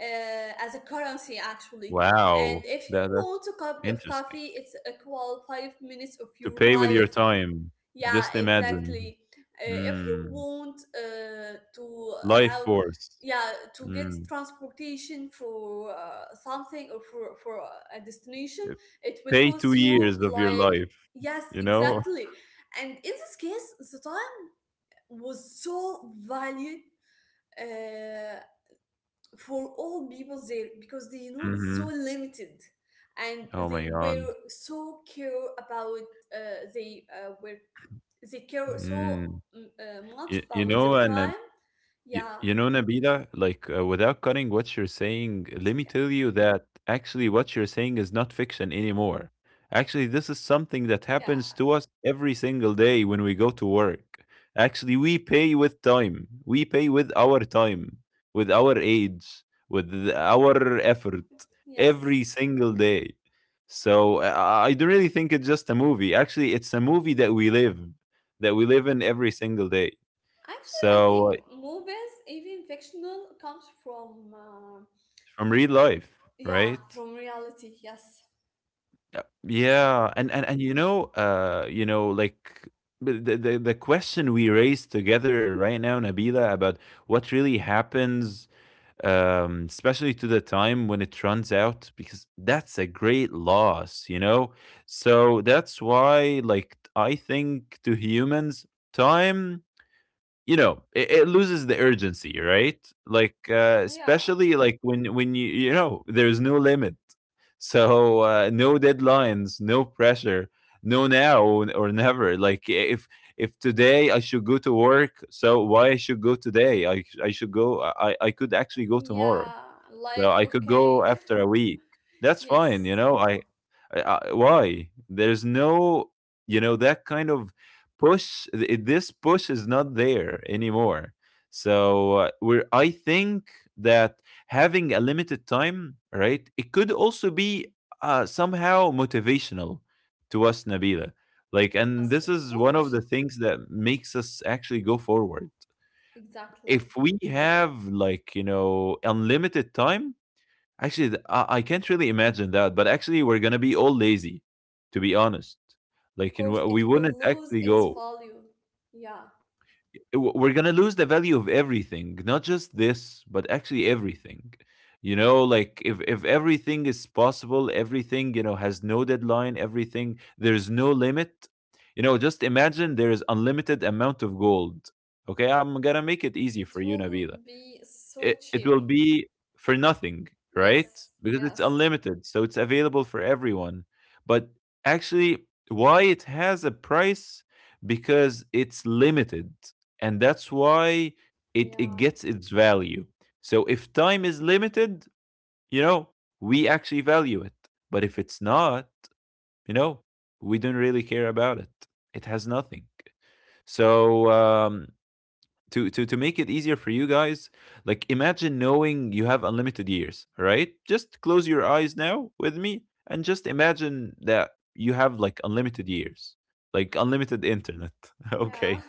Speaker 2: as a currency, actually. And
Speaker 1: wow.
Speaker 2: if you
Speaker 1: That's
Speaker 2: want a cup of
Speaker 1: interesting.
Speaker 2: coffee, it's equal 5 minutes of
Speaker 1: To
Speaker 2: your
Speaker 1: pay with your
Speaker 2: life.
Speaker 1: time.
Speaker 2: Yeah,
Speaker 1: Just imagine.
Speaker 2: exactly. If you
Speaker 1: Mm.
Speaker 2: want to
Speaker 1: Life
Speaker 2: have,
Speaker 1: force.
Speaker 2: yeah, to get
Speaker 1: Mm.
Speaker 2: transportation for something or for a destination,
Speaker 1: Uh,
Speaker 2: it will
Speaker 1: Pay
Speaker 2: cost
Speaker 1: 2
Speaker 2: you
Speaker 1: years of your
Speaker 2: like...
Speaker 1: life,
Speaker 2: Yes,
Speaker 1: you know?
Speaker 2: exactly. And in this case, the time was so valued. Uh, for all people there, because they know it's so
Speaker 1: Mhm.
Speaker 2: limited, and
Speaker 1: Oh my
Speaker 2: they were
Speaker 1: god.
Speaker 2: so care about uh, they uh, were they care so
Speaker 1: Mm.
Speaker 2: much
Speaker 1: You you
Speaker 2: about
Speaker 1: know,
Speaker 2: their
Speaker 1: and uh,
Speaker 2: time. Yeah,
Speaker 1: You know, Nabila, like, without cutting what you're saying,
Speaker 2: it's okay.
Speaker 1: let me tell you that actually what you're saying is not fiction anymore. Actually, this is something that
Speaker 2: Yeah.
Speaker 1: happens to us every single day when we go to work. Actually, we pay with time, we pay with our time, with our age, with our effort
Speaker 2: Yes,
Speaker 1: every single day. So, I don't really think it's just a movie. Actually, it's a movie that we live, in every single day.
Speaker 2: actually, I think
Speaker 1: So
Speaker 2: movies, even fictional, comes from,
Speaker 1: from real life,
Speaker 2: yeah, from
Speaker 1: right?
Speaker 2: reality. Yes. So
Speaker 1: Yeah, and you know, like the question we raised together right now, Nabila, about what really happens, especially to the time when it runs out, because that's a great loss, you know. So that's why, like, I think to humans, time, you know, it loses the urgency, right? Like,
Speaker 2: yeah.
Speaker 1: especially like when you know there's no limit. So, no deadlines, no pressure, no now or never. Like, if today I should go to work, so why I should go today? I should go. I could actually go tomorrow.
Speaker 2: Yeah,
Speaker 1: So
Speaker 2: like,
Speaker 1: I could
Speaker 2: okay.
Speaker 1: go after a week. That's fine, you
Speaker 2: Yes.
Speaker 1: know. I why? There's no, you know, that kind of push. This push is not there anymore. So, we're. I think that having a limited time, right? It could also be, somehow motivational to us, Nabila. Like, and
Speaker 2: Yes,
Speaker 1: this
Speaker 2: of
Speaker 1: is one of
Speaker 2: course.
Speaker 1: the things that makes us actually go forward.
Speaker 2: Exactly.
Speaker 1: If we have, like, you know, unlimited time. Actually, I can't really imagine that, but actually, we're gonna be all lazy, to be honest.
Speaker 2: Of
Speaker 1: Like, and
Speaker 2: course,
Speaker 1: we
Speaker 2: it
Speaker 1: we
Speaker 2: will
Speaker 1: wouldn't
Speaker 2: lose
Speaker 1: actually
Speaker 2: its
Speaker 1: go.
Speaker 2: value. Yeah,
Speaker 1: We're gonna lose the value of everything, not just this, but actually everything. You know, like if everything is possible, everything, you know, has no deadline. Everything, there's no limit. You know, just imagine there is unlimited amount of gold. Okay, I'm gonna make it easy
Speaker 2: it
Speaker 1: for you,
Speaker 2: will
Speaker 1: Nabila.
Speaker 2: be so
Speaker 1: It
Speaker 2: cheap.
Speaker 1: will be for nothing, right?
Speaker 2: Yes,
Speaker 1: Because it's
Speaker 2: yes.
Speaker 1: unlimited, so it's available for everyone. But actually, why it has a price? Because it's limited, and that's why it,
Speaker 2: Yeah,
Speaker 1: it gets its value. So if time is limited, you know, we actually value it. But if it's not, you know, we don't really care about it. It has nothing. So, to make it easier for you guys, like, imagine knowing you have unlimited years, right? Just close your eyes now with me and just imagine that you have like unlimited years, like unlimited internet.
Speaker 2: yeah.
Speaker 1: Okay,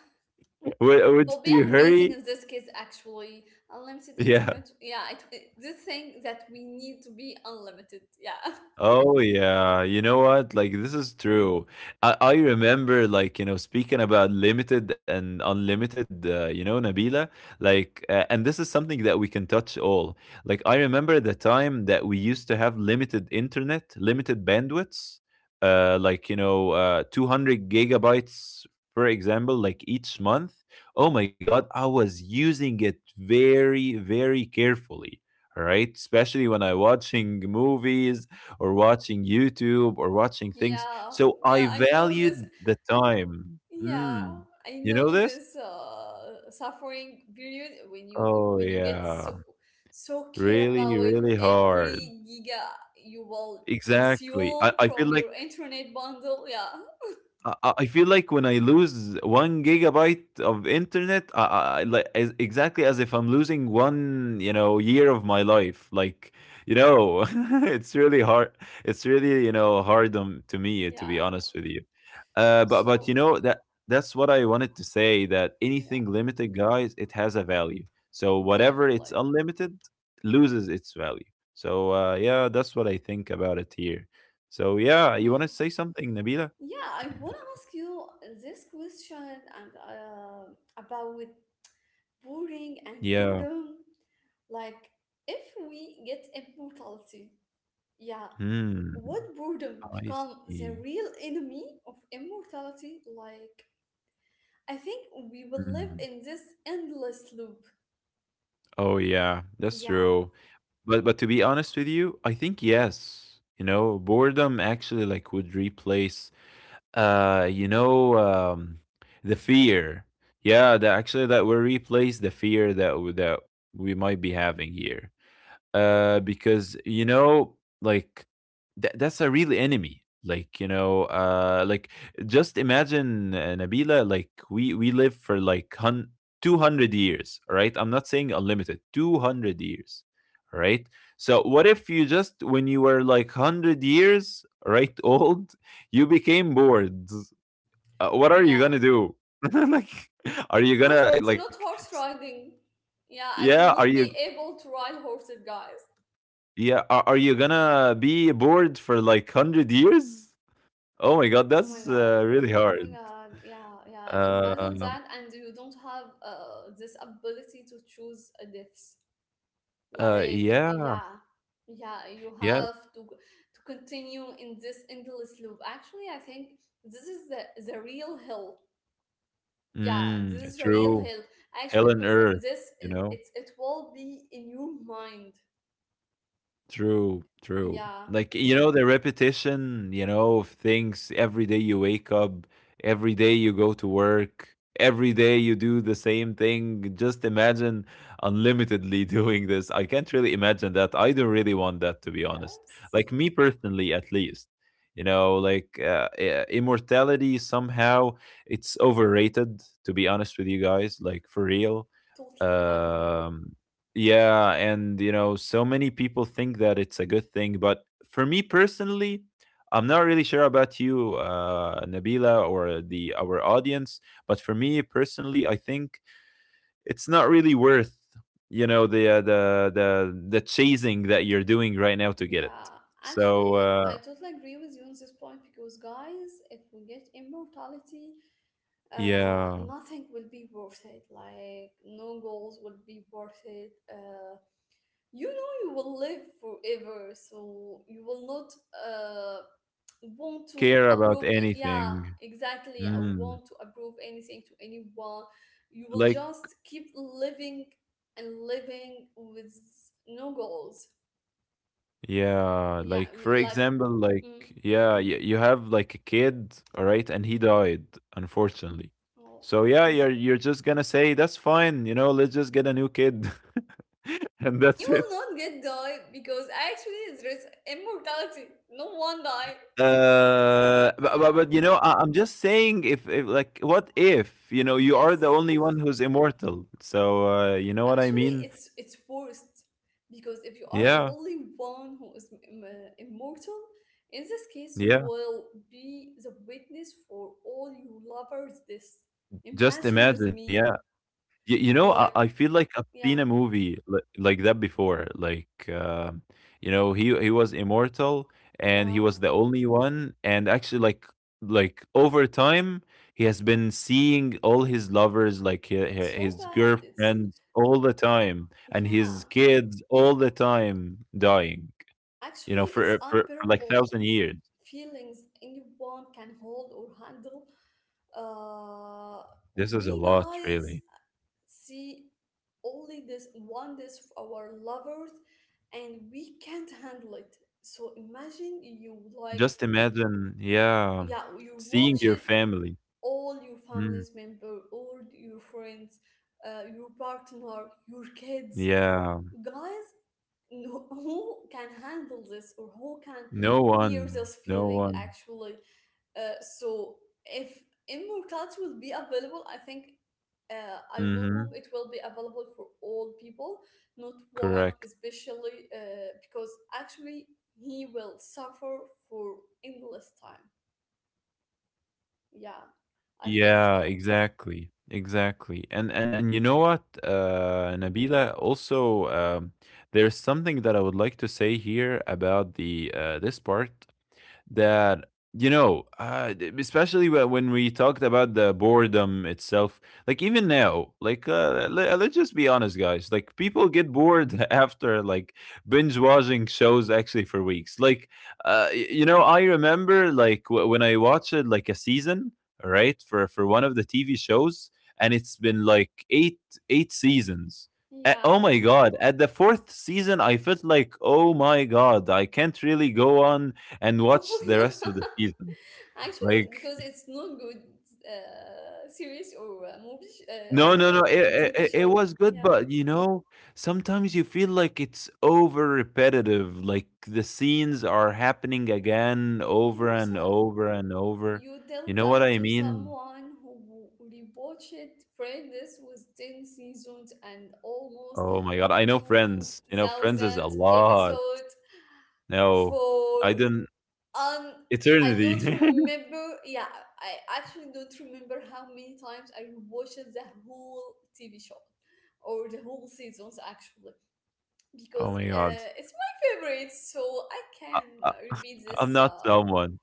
Speaker 1: would,
Speaker 2: It
Speaker 1: would
Speaker 2: will be
Speaker 1: you hurry?
Speaker 2: amazing in this case, actually. Unlimited
Speaker 1: Yeah.
Speaker 2: internet. Yeah, this thing that we need to be unlimited. Yeah.
Speaker 1: Oh yeah, you know what? Like, this is true. I remember, like, you know, speaking about limited and unlimited. You know, Nabila. Like, and this is something that we can touch all. Like, I remember the time that we used to have limited internet, limited bandwidths. Like, you know, 200 gigabytes, for example, like each month. Oh my God, I was using it very, very carefully. All right, especially when I watching movies or watching YouTube or watching things.
Speaker 2: Yeah,
Speaker 1: So I
Speaker 2: yeah. I know this.
Speaker 1: valued the time.
Speaker 2: Yeah,
Speaker 1: Mm.
Speaker 2: I
Speaker 1: You know
Speaker 2: know
Speaker 1: this?
Speaker 2: this suffering period when you
Speaker 1: Oh,
Speaker 2: when you get
Speaker 1: yeah.
Speaker 2: so care
Speaker 1: Really,
Speaker 2: about
Speaker 1: really hard.
Speaker 2: every giga you will
Speaker 1: Exactly. I,
Speaker 2: consume
Speaker 1: I feel
Speaker 2: from
Speaker 1: like
Speaker 2: your internet bundle. Yeah,
Speaker 1: I feel like when I lose 1 gigabyte of internet, like as exactly as if I'm losing 1, you know, year of my life. Like, you know, it's really hard. It's really, hard on, to me, to be
Speaker 2: yeah.
Speaker 1: honest with you. But you
Speaker 2: So
Speaker 1: know that that's what I wanted to say, that
Speaker 2: yeah,
Speaker 1: anything limited, guys, it has a value. So whatever
Speaker 2: exactly.
Speaker 1: it's unlimited loses its value. So yeah, that's what I think about it here. So yeah,
Speaker 2: Yeah,
Speaker 1: you want to say something, Nabila?
Speaker 2: yeah. I
Speaker 1: Yeah.
Speaker 2: wanna ask you this question, and about with boring and
Speaker 1: Yeah.
Speaker 2: boredom. Like, if we get immortality, yeah,
Speaker 1: Hmm.
Speaker 2: would boredom
Speaker 1: I
Speaker 2: become the
Speaker 1: see.
Speaker 2: real enemy of immortality? Like, I think we will live
Speaker 1: Hmm.
Speaker 2: in this endless loop.
Speaker 1: Oh yeah, that's
Speaker 2: Yeah,
Speaker 1: true. But to be honest with you, I think yes. You know, boredom actually like would replace uh you know um the fear. Yeah, that actually that will replace the fear that that we might be having here. Because like that's a real enemy. Like like just imagine, Nabila. Like we live for like 200 years, right? Right? I'm not saying unlimited, 200 years, right? So what if you just when you were like 100 years, right, old, you became bored? What are you gonna
Speaker 2: yeah.
Speaker 1: do? Like, are you
Speaker 2: Of
Speaker 1: gonna
Speaker 2: course,
Speaker 1: like?
Speaker 2: not horse riding. Yeah, I
Speaker 1: Yeah,
Speaker 2: will
Speaker 1: are
Speaker 2: not
Speaker 1: you
Speaker 2: be able to ride horses, guys.
Speaker 1: Yeah, are you gonna be bored for like 100 years? Oh my god,
Speaker 2: Oh my
Speaker 1: that's
Speaker 2: god.
Speaker 1: really
Speaker 2: Oh my
Speaker 1: hard.
Speaker 2: god. Yeah, yeah. Imagine
Speaker 1: Um,
Speaker 2: that, and you don't have this ability to choose a death. Like,
Speaker 1: yeah,
Speaker 2: yeah, yeah, you
Speaker 1: yeah.
Speaker 2: have to continue in this endless loop. Actually, I think this is the real hill. Yeah, this
Speaker 1: Mm,
Speaker 2: is the real
Speaker 1: true.
Speaker 2: hill.
Speaker 1: Hell
Speaker 2: Actually,
Speaker 1: and
Speaker 2: because
Speaker 1: Earth,
Speaker 2: this
Speaker 1: you know?
Speaker 2: it's it will be in your mind.
Speaker 1: True, true.
Speaker 2: Yeah.
Speaker 1: Like, the repetition, of things. Every day you wake up, every day you go to work, every day you do the same thing. Just imagine unlimitedly doing this. I can't really imagine that. I don't really want that, to be honest.
Speaker 2: Yes.
Speaker 1: Like, me personally, at least. You know, like immortality somehow it's overrated. To be honest with you guys, like for real,
Speaker 2: Totally agree.
Speaker 1: um, yeah. And so many people think that it's a good thing, but for me personally, I'm not really sure about you, Nabila, or the our audience. But for me personally, I think it's not really worth, the chasing that you're doing right now to get it.
Speaker 2: Yeah,
Speaker 1: So
Speaker 2: actually, I totally agree with you on this point, because, guys, if we get immortality,
Speaker 1: yeah,
Speaker 2: nothing will be worth it. Like, no goals will be worth it. You will live forever, so you will not uh, want to
Speaker 1: care about
Speaker 2: approve. Yeah,
Speaker 1: anything.
Speaker 2: exactly. I
Speaker 1: Mm.
Speaker 2: want to approve anything to anyone. You will
Speaker 1: Like
Speaker 2: just keep living and living with no goals.
Speaker 1: Yeah,
Speaker 2: Yeah,
Speaker 1: like for
Speaker 2: like,
Speaker 1: example, like
Speaker 2: mm,
Speaker 1: yeah, you have like a kid, all right, and he died, unfortunately.
Speaker 2: oh.
Speaker 1: So yeah, you're just gonna say that's fine, let's just get a new kid, and
Speaker 2: He
Speaker 1: that's it.
Speaker 2: will not get die because actually there is immortality. No one die.
Speaker 1: Uh, but,
Speaker 2: Yeah.
Speaker 1: but, but I'm just saying, if like, what if you know you
Speaker 2: Yes.
Speaker 1: are the only one who's immortal? So you know what I
Speaker 2: Actually,
Speaker 1: mean?
Speaker 2: it's worst, because if you are the
Speaker 1: Yeah,
Speaker 2: only one who is immortal, in this case, you
Speaker 1: yeah.
Speaker 2: will be the witness for all you lovers. This...
Speaker 1: Just
Speaker 2: imagine with
Speaker 1: imagine, yeah.
Speaker 2: me,
Speaker 1: Y You know, I
Speaker 2: like...
Speaker 1: I feel like I've
Speaker 2: yeah,
Speaker 1: seen a movie li like that before. Like, he was immortal, and he
Speaker 2: yeah.
Speaker 1: was the only one. And actually, like over time, he has been seeing all his lovers, like his,
Speaker 2: So
Speaker 1: his
Speaker 2: bad. It's...
Speaker 1: girlfriends, all the time, and
Speaker 2: yeah.
Speaker 1: his kids all the time dying. You know,
Speaker 2: Actually, it's
Speaker 1: for like
Speaker 2: unbearable
Speaker 1: 1,000 years.
Speaker 2: feelings anyone can hold or handle. Uh,
Speaker 1: This is a
Speaker 2: we
Speaker 1: lot,
Speaker 2: guys
Speaker 1: really.
Speaker 2: see only this one this of our lovers, and we can't handle it, so imagine, you like...
Speaker 1: Just imagine, yeah,
Speaker 2: yeah, you
Speaker 1: seeing
Speaker 2: watch
Speaker 1: your
Speaker 2: it,
Speaker 1: family.
Speaker 2: all your
Speaker 1: Mm,
Speaker 2: family's member, all your friends, your partner, your kids,
Speaker 1: yeah.
Speaker 2: guys, who can handle this, or who can
Speaker 1: No
Speaker 2: bear
Speaker 1: one.
Speaker 2: this
Speaker 1: No
Speaker 2: feeling,
Speaker 1: one.
Speaker 2: actually. So if immortality will be available, I think I will
Speaker 1: Mhm.
Speaker 2: hope it will be available for all people, not one
Speaker 1: Correct.
Speaker 2: especially, because actually he will suffer for endless time. Yeah, I think
Speaker 1: Yeah,
Speaker 2: so.
Speaker 1: exactly. Exactly. And you know what, Nabila, also there's something that I would like to say here about the this part. That, you know, especially when we talked about the boredom itself, like even now, like let's just be honest, guys, like people get bored after like binge watching shows actually for weeks. Like, you know, I remember, like, when I watched like a season, right, for one of the TV shows, and it's been like eight seasons. Oh
Speaker 2: Yeah.
Speaker 1: my god, at the fourth season I felt like, oh my god, I can't really go on and
Speaker 2: Oh
Speaker 1: watch the
Speaker 2: my god.
Speaker 1: rest of the season. Like,
Speaker 2: Actually, because it's not good series, or movie
Speaker 1: no,
Speaker 2: or
Speaker 1: no, no, it,
Speaker 2: TV
Speaker 1: it, it
Speaker 2: show.
Speaker 1: was good,
Speaker 2: Yeah,
Speaker 1: but you know, sometimes you feel like it's over repetitive. Like the scenes are happening again over
Speaker 2: you
Speaker 1: and
Speaker 2: sa-
Speaker 1: over and over.
Speaker 2: you tell
Speaker 1: You know what
Speaker 2: that
Speaker 1: I
Speaker 2: to
Speaker 1: mean?
Speaker 2: someone who rewatched it. Friends, with 10 seasons and almost
Speaker 1: Oh my God. I know
Speaker 2: two
Speaker 1: Friends. You know, Friends is a
Speaker 2: thousand
Speaker 1: lot.
Speaker 2: episodes
Speaker 1: No,
Speaker 2: for
Speaker 1: I didn't.
Speaker 2: un... I don't
Speaker 1: Eternity.
Speaker 2: remember. Yeah, I actually don't remember how many times I watched the whole TV show or the whole seasons, actually,
Speaker 1: Oh
Speaker 2: because
Speaker 1: my God.
Speaker 2: it's my favorite, so I
Speaker 1: I,
Speaker 2: can
Speaker 1: I,
Speaker 2: repeat
Speaker 1: I'm
Speaker 2: this
Speaker 1: not someone.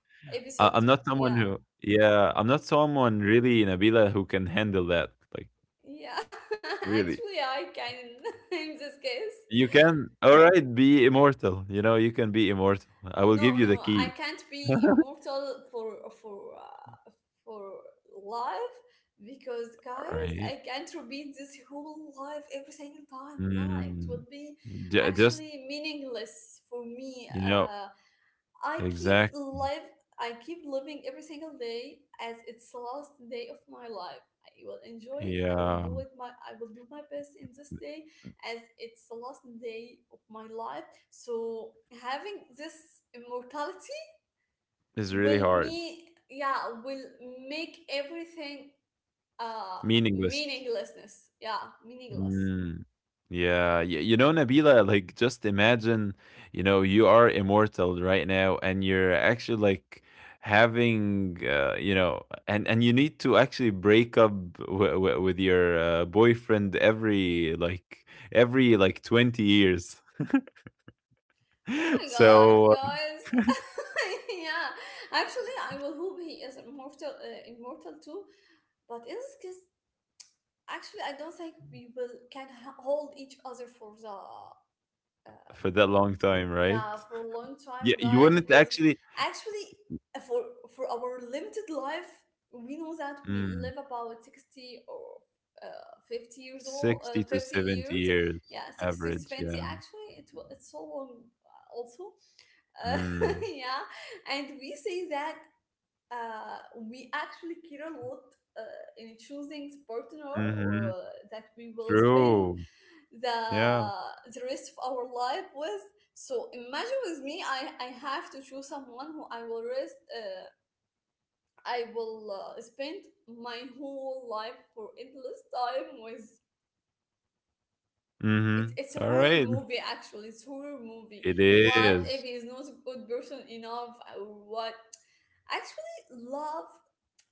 Speaker 1: I,
Speaker 2: episode.
Speaker 1: I'm not someone
Speaker 2: Yeah,
Speaker 1: who, yeah, I'm not someone really, Nabila, who can handle that. Like.
Speaker 2: yeah.
Speaker 1: Really?
Speaker 2: Actually, I can. In this case.
Speaker 1: You can, all right, be immortal. You know, you can be immortal. I will give
Speaker 2: No,
Speaker 1: you the
Speaker 2: no, I
Speaker 1: key.
Speaker 2: can't be immortal for life, because,
Speaker 1: All
Speaker 2: guys,
Speaker 1: right.
Speaker 2: I can't repeat this whole life every single time. Yeah, it
Speaker 1: Mm,
Speaker 2: would be
Speaker 1: just,
Speaker 2: actually meaningless for me.
Speaker 1: you know,
Speaker 2: I keep
Speaker 1: exactly.
Speaker 2: live I keep living every single day as it's the last day of my life. I will enjoy it.
Speaker 1: Yeah.
Speaker 2: I will do my best in this day as it's the last day of my life. So having this immortality
Speaker 1: It's really
Speaker 2: will
Speaker 1: hard.
Speaker 2: me yeah, will make everything uh
Speaker 1: Meaningless.
Speaker 2: meaninglessness. Yeah, meaningless.
Speaker 1: Mm. Yeah, y you know, Nabila, like just imagine, you know, you are immortal right now and you're actually like having and you need to actually break up w w with your boyfriend every 20 years.
Speaker 2: Oh my god,
Speaker 1: So
Speaker 2: guys. Yeah. Actually, I will hope he is immortal, too. But in this case, actually, I don't think we will can hold each other for the
Speaker 1: for
Speaker 2: um,
Speaker 1: that long time, right?
Speaker 2: yeah, for a long
Speaker 1: Yeah,
Speaker 2: time,
Speaker 1: you
Speaker 2: guys.
Speaker 1: wouldn't
Speaker 2: Because
Speaker 1: actually.
Speaker 2: actually, uh, for for our limited life, we know that we
Speaker 1: mm,
Speaker 2: live about 60, or 50 years old,
Speaker 1: 60 to
Speaker 2: fifty
Speaker 1: 70
Speaker 2: years.
Speaker 1: years
Speaker 2: Yeah, 60
Speaker 1: average,
Speaker 2: to
Speaker 1: yeah.
Speaker 2: 20. Actually, it's so long also. Uh,
Speaker 1: Mm.
Speaker 2: yeah, and we say that we actually care a lot in choosing the partner,
Speaker 1: Mm-hmm.
Speaker 2: or that we will spend
Speaker 1: True.
Speaker 2: the
Speaker 1: Yeah.
Speaker 2: the rest of our life with. So imagine with me, I have to choose someone who I will rest. I will spend my whole life for endless time with. It's,
Speaker 1: Mhm.
Speaker 2: it's a horror
Speaker 1: Alright.
Speaker 2: movie, actually. It's horror movie.
Speaker 1: It
Speaker 2: What if
Speaker 1: is.
Speaker 2: he's not a good person enough, or what... Actually, love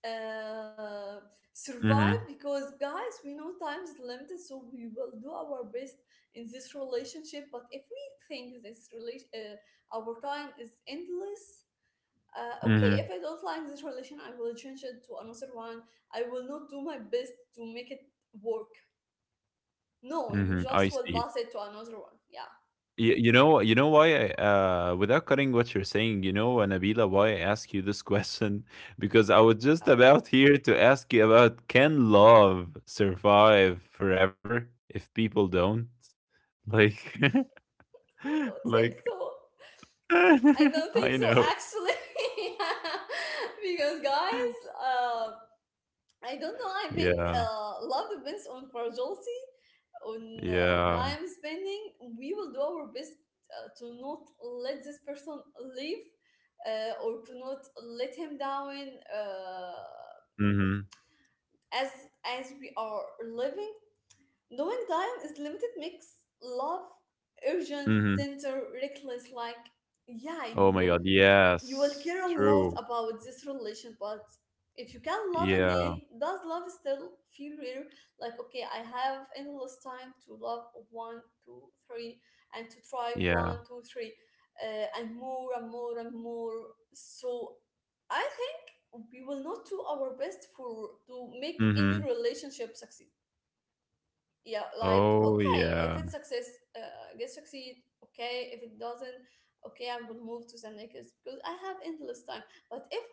Speaker 2: uh, survive,
Speaker 1: Mhm.
Speaker 2: because, guys, we know time is limited, so we will do our best in this relationship. But if we think this relation, our time is endless, okay, if
Speaker 1: Mhm.
Speaker 2: I don't like this relation, I will change it to another one. I will not do my best to make it work. No,
Speaker 1: Mhm.
Speaker 2: you
Speaker 1: I
Speaker 2: just will
Speaker 1: see.
Speaker 2: pass it to another one. Yeah.
Speaker 1: You know why, without cutting what you're saying, you know, Nabila, why I ask you this question? Because I was just
Speaker 2: Yeah,
Speaker 1: about here to ask you about, can love survive forever if people don't? Like,
Speaker 2: I don't think
Speaker 1: like,
Speaker 2: so. I don't think
Speaker 1: I
Speaker 2: so,
Speaker 1: know.
Speaker 2: actually. Because, guys, I don't know. I think
Speaker 1: Yeah.
Speaker 2: love depends on fragility, on
Speaker 1: Yeah.
Speaker 2: time spending. We will do our best to not let this person leave, or to not let him down.
Speaker 1: Mhm.
Speaker 2: As as we are living, knowing time is limited makes love urgent,
Speaker 1: Mhm.
Speaker 2: tender, reckless. Like, yeah,
Speaker 1: Oh my
Speaker 2: you
Speaker 1: god,
Speaker 2: you will
Speaker 1: yes.
Speaker 2: care a lot
Speaker 1: True.
Speaker 2: about this relation. But if you can love again,
Speaker 1: Yeah.
Speaker 2: does love still feel real? Like, okay, I have endless time to love one, two, three, and to try
Speaker 1: Yeah.
Speaker 2: one, two, three, and more, and more, and more. So I think we will not do our best for to make any
Speaker 1: Mhm.
Speaker 2: relationship succeed. Yeah, like,
Speaker 1: Oh,
Speaker 2: okay,
Speaker 1: yeah.
Speaker 2: if it success, get succeed. Okay, if it doesn't, okay, I will move to the next, because I have endless time. But if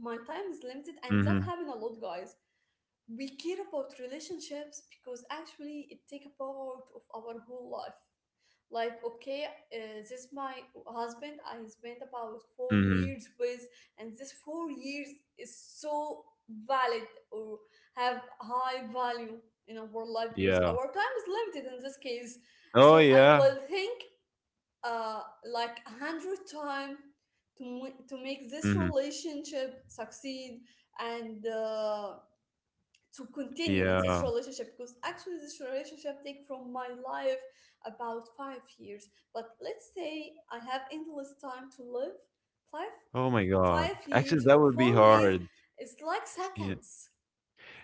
Speaker 2: my time is limited, and that
Speaker 1: Mhm.
Speaker 2: happen a lot, guys, we care about relationships because actually it take a part of our whole life. Like, okay, this is my husband I spent about four
Speaker 1: Mhm.
Speaker 2: years with, and this 4 years is so valid, or have high value in our life, because
Speaker 1: Yeah.
Speaker 2: our time is limited in this case.
Speaker 1: Oh,
Speaker 2: So I
Speaker 1: yeah.
Speaker 2: will think uh like a 100 time to make this
Speaker 1: Mhm.
Speaker 2: relationship succeed, and to continue in this
Speaker 1: Yeah.
Speaker 2: relationship, because actually this relationship take from my life about 5 years. But let's say I have endless time to live, five
Speaker 1: Oh my god.
Speaker 2: five
Speaker 1: Actually,
Speaker 2: years
Speaker 1: that
Speaker 2: or
Speaker 1: would be
Speaker 2: 4 years,
Speaker 1: hard.
Speaker 2: it's like
Speaker 1: Yeah.
Speaker 2: seconds,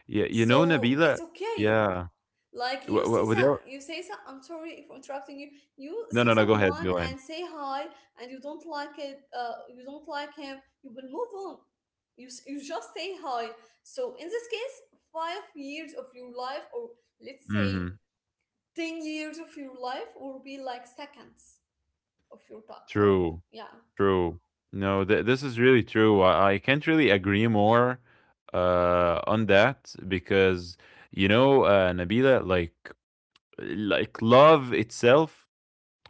Speaker 1: Yeah, you know,
Speaker 2: so
Speaker 1: Nabila?
Speaker 2: it's okay.
Speaker 1: Yeah.
Speaker 2: Like,
Speaker 1: W
Speaker 2: you
Speaker 1: w
Speaker 2: see some,
Speaker 1: without
Speaker 2: you say some, I'm sorry if interrupting you. You
Speaker 1: No, no,
Speaker 2: see
Speaker 1: no, go ahead,
Speaker 2: someone
Speaker 1: go ahead.
Speaker 2: and say hi, and you don't like it, you don't like him, you will move on, you just say hi. So in this case, 5 years of your life, or let's say
Speaker 1: Mhm.
Speaker 2: 10 years of your life, will be like seconds of your time of,
Speaker 1: True.
Speaker 2: yeah.
Speaker 1: True. No, th this is really true. I can't really agree more on that, because Nabila, like love itself,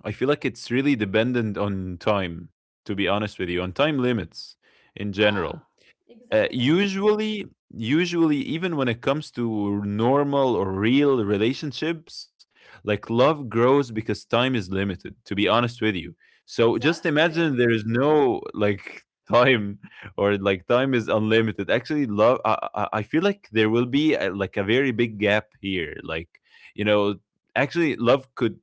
Speaker 1: I feel like it's really dependent on time, to be honest with you, on time limits in
Speaker 2: Yeah,
Speaker 1: general. Uh,
Speaker 2: exactly.
Speaker 1: usually, usually, even when it comes to normal or real relationships, like love grows because time is limited, to be honest with you. So just
Speaker 2: Exactly.
Speaker 1: imagine there is no, like, time, or like time is unlimited. Actually, love, I feel like there will be like a very big gap here. Like, you know, actually, love could,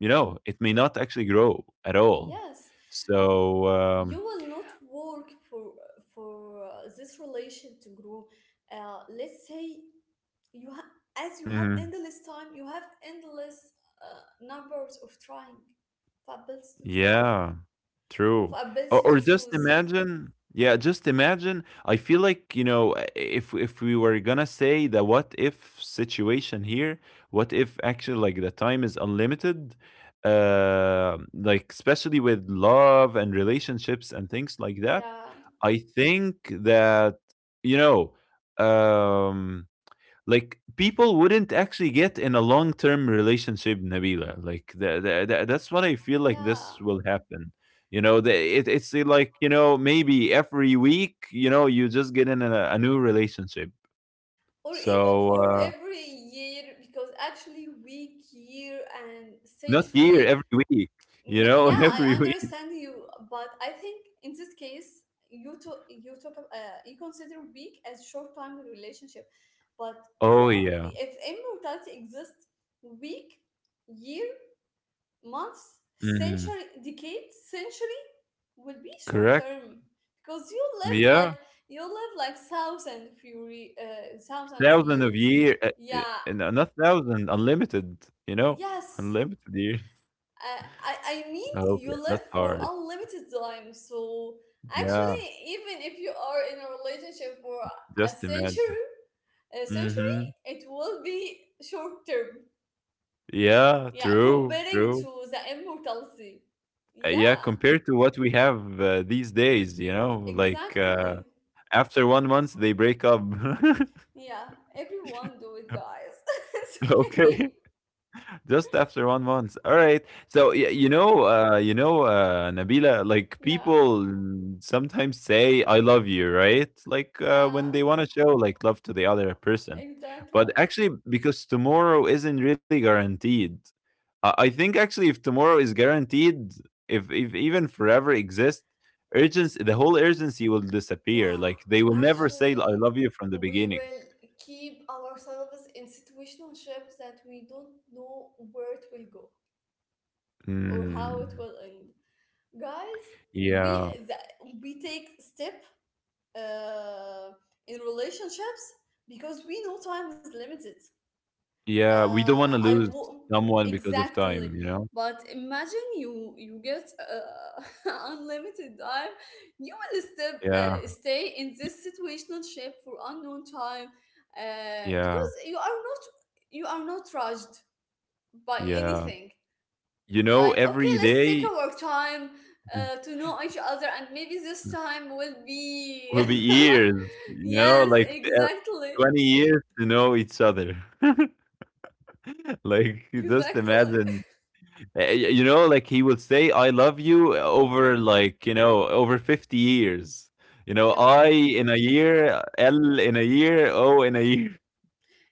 Speaker 1: it may not actually grow at all.
Speaker 2: Yes,
Speaker 1: So,
Speaker 2: you will not work for this relation to grow. Let's say you ha- as you have
Speaker 1: mhm.
Speaker 2: endless time, you have endless numbers of trying, of abilities to try,
Speaker 1: Yeah.
Speaker 2: of
Speaker 1: True. Or
Speaker 2: abilities
Speaker 1: or
Speaker 2: to
Speaker 1: just
Speaker 2: choose.
Speaker 1: imagine, yeah, just imagine, I feel like, if we were gonna say the what if situation here, what if actually like the time is unlimited? Like especially with love and relationships and things like that.
Speaker 2: Yeah.
Speaker 1: I think that, you know, um like people wouldn't actually get in a long-term relationship, Nabila, like that's what I feel like,
Speaker 2: Yeah,
Speaker 1: this will happen. You know, it's like, maybe every week, you just get in a new relationship.
Speaker 2: or even
Speaker 1: So,
Speaker 2: for every year, because actually, week, year, and
Speaker 1: not year,
Speaker 2: century.
Speaker 1: every week,
Speaker 2: Yeah,
Speaker 1: every
Speaker 2: I
Speaker 1: week.
Speaker 2: understand you, but I think In this case, you talk you consider weak as short time relationship. But if
Speaker 1: Oh yeah.
Speaker 2: if immortality exists, week, year, months,
Speaker 1: Hmm.
Speaker 2: century, decade, century will be short
Speaker 1: Correct.
Speaker 2: term because you live
Speaker 1: Yeah,
Speaker 2: like, you live like thousands
Speaker 1: thousand of
Speaker 2: years.
Speaker 1: year.
Speaker 2: Yeah.
Speaker 1: No, not thousand, unlimited, you know
Speaker 2: Yes.
Speaker 1: unlimited years.
Speaker 2: I I mean,
Speaker 1: Oh, okay,
Speaker 2: you live
Speaker 1: that's
Speaker 2: for
Speaker 1: hard.
Speaker 2: unlimited time, so
Speaker 1: Yeah,
Speaker 2: actually, even if you are in a relationship for a
Speaker 1: just imagine.
Speaker 2: century, a century,
Speaker 1: Mhm.
Speaker 2: it will be short term.
Speaker 1: Yeah,
Speaker 2: Yeah,
Speaker 1: true,
Speaker 2: comparing
Speaker 1: true.
Speaker 2: to the immortality.
Speaker 1: Yeah,
Speaker 2: Yeah,
Speaker 1: compared to what we have, these days, you know, like,
Speaker 2: exactly.
Speaker 1: after 1 month they break up.
Speaker 2: Yeah, everyone do it, guys. It's okay.
Speaker 1: Okay. Just after 1 month. All right. So, you know, Nabila, like
Speaker 2: Yeah,
Speaker 1: people sometimes say, "I love you," right? Like, when
Speaker 2: yeah,
Speaker 1: they want to show like love to the other person. But
Speaker 2: exactly.
Speaker 1: actually, because tomorrow isn't really guaranteed. I think actually, if tomorrow is guaranteed, if even forever exists, the whole urgency will disappear.
Speaker 2: Yeah,
Speaker 1: Like, they will never say "I
Speaker 2: actually,
Speaker 1: love you" from the
Speaker 2: we
Speaker 1: beginning.
Speaker 2: will keep ourselves in situationships that we don't know where it will go or how it
Speaker 1: Mm,
Speaker 2: will end. Guys, we
Speaker 1: yeah.
Speaker 2: that, we take step uh, in relationships because we know time is limited.
Speaker 1: Yeah, we don't
Speaker 2: uh,
Speaker 1: wanna
Speaker 2: I
Speaker 1: lose
Speaker 2: w-
Speaker 1: someone because of
Speaker 2: exactly.
Speaker 1: time, you know?
Speaker 2: But imagine you get unlimited time. You will
Speaker 1: Yeah.
Speaker 2: stay in
Speaker 1: Y
Speaker 2: this situational shape for unknown time
Speaker 1: Yeah,
Speaker 2: because you are not, you are not rushed by
Speaker 1: yeah.
Speaker 2: anything.
Speaker 1: You know,
Speaker 2: Like okay,
Speaker 1: every
Speaker 2: let's take
Speaker 1: day
Speaker 2: our time to know each other, and maybe this time will be
Speaker 1: will be years, you know,
Speaker 2: yes,
Speaker 1: like,
Speaker 2: exactly,
Speaker 1: 20 years to know each other. Like, just
Speaker 2: exactly.
Speaker 1: imagine, eh, y you know, like, he would say, "I love you," over, like, over 50 years. You know,
Speaker 2: Yeah.
Speaker 1: I in a year, L in a year, O in a year.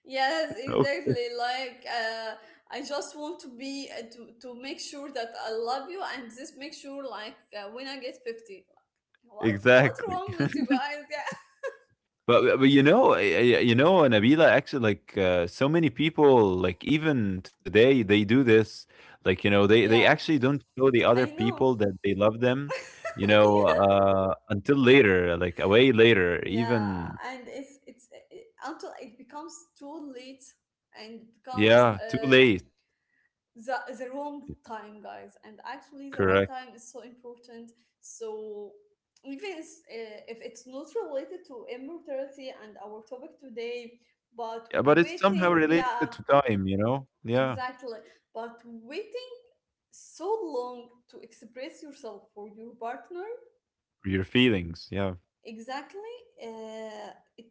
Speaker 2: Yes,
Speaker 1: Oh,
Speaker 2: exactly. Like I just want to be to make sure that I love you, and just make sure like when I get 50, like, what what's
Speaker 1: exactly.
Speaker 2: wrong with you guys? Yeah,
Speaker 1: But you know, Nabila, actually, like so many people, like even today, they do this. Like, they they
Speaker 2: yeah,
Speaker 1: actually don't show the other
Speaker 2: I know.
Speaker 1: people that they love them,
Speaker 2: Yeah,
Speaker 1: until later, like way later
Speaker 2: yeah,
Speaker 1: even.
Speaker 2: and until it becomes too late and becomes
Speaker 1: Yeah, too late.
Speaker 2: the wrong time, guys. And actually the right
Speaker 1: Correct.
Speaker 2: time is so important. So even if it's not related to immortality and our topic today, but
Speaker 1: Yeah, but it's somehow
Speaker 2: waiting,
Speaker 1: related
Speaker 2: yeah,
Speaker 1: to time, you know? Yeah.
Speaker 2: exactly, but waiting so long to express yourself for your partner,
Speaker 1: Your feelings, yeah.
Speaker 2: exactly, uh, it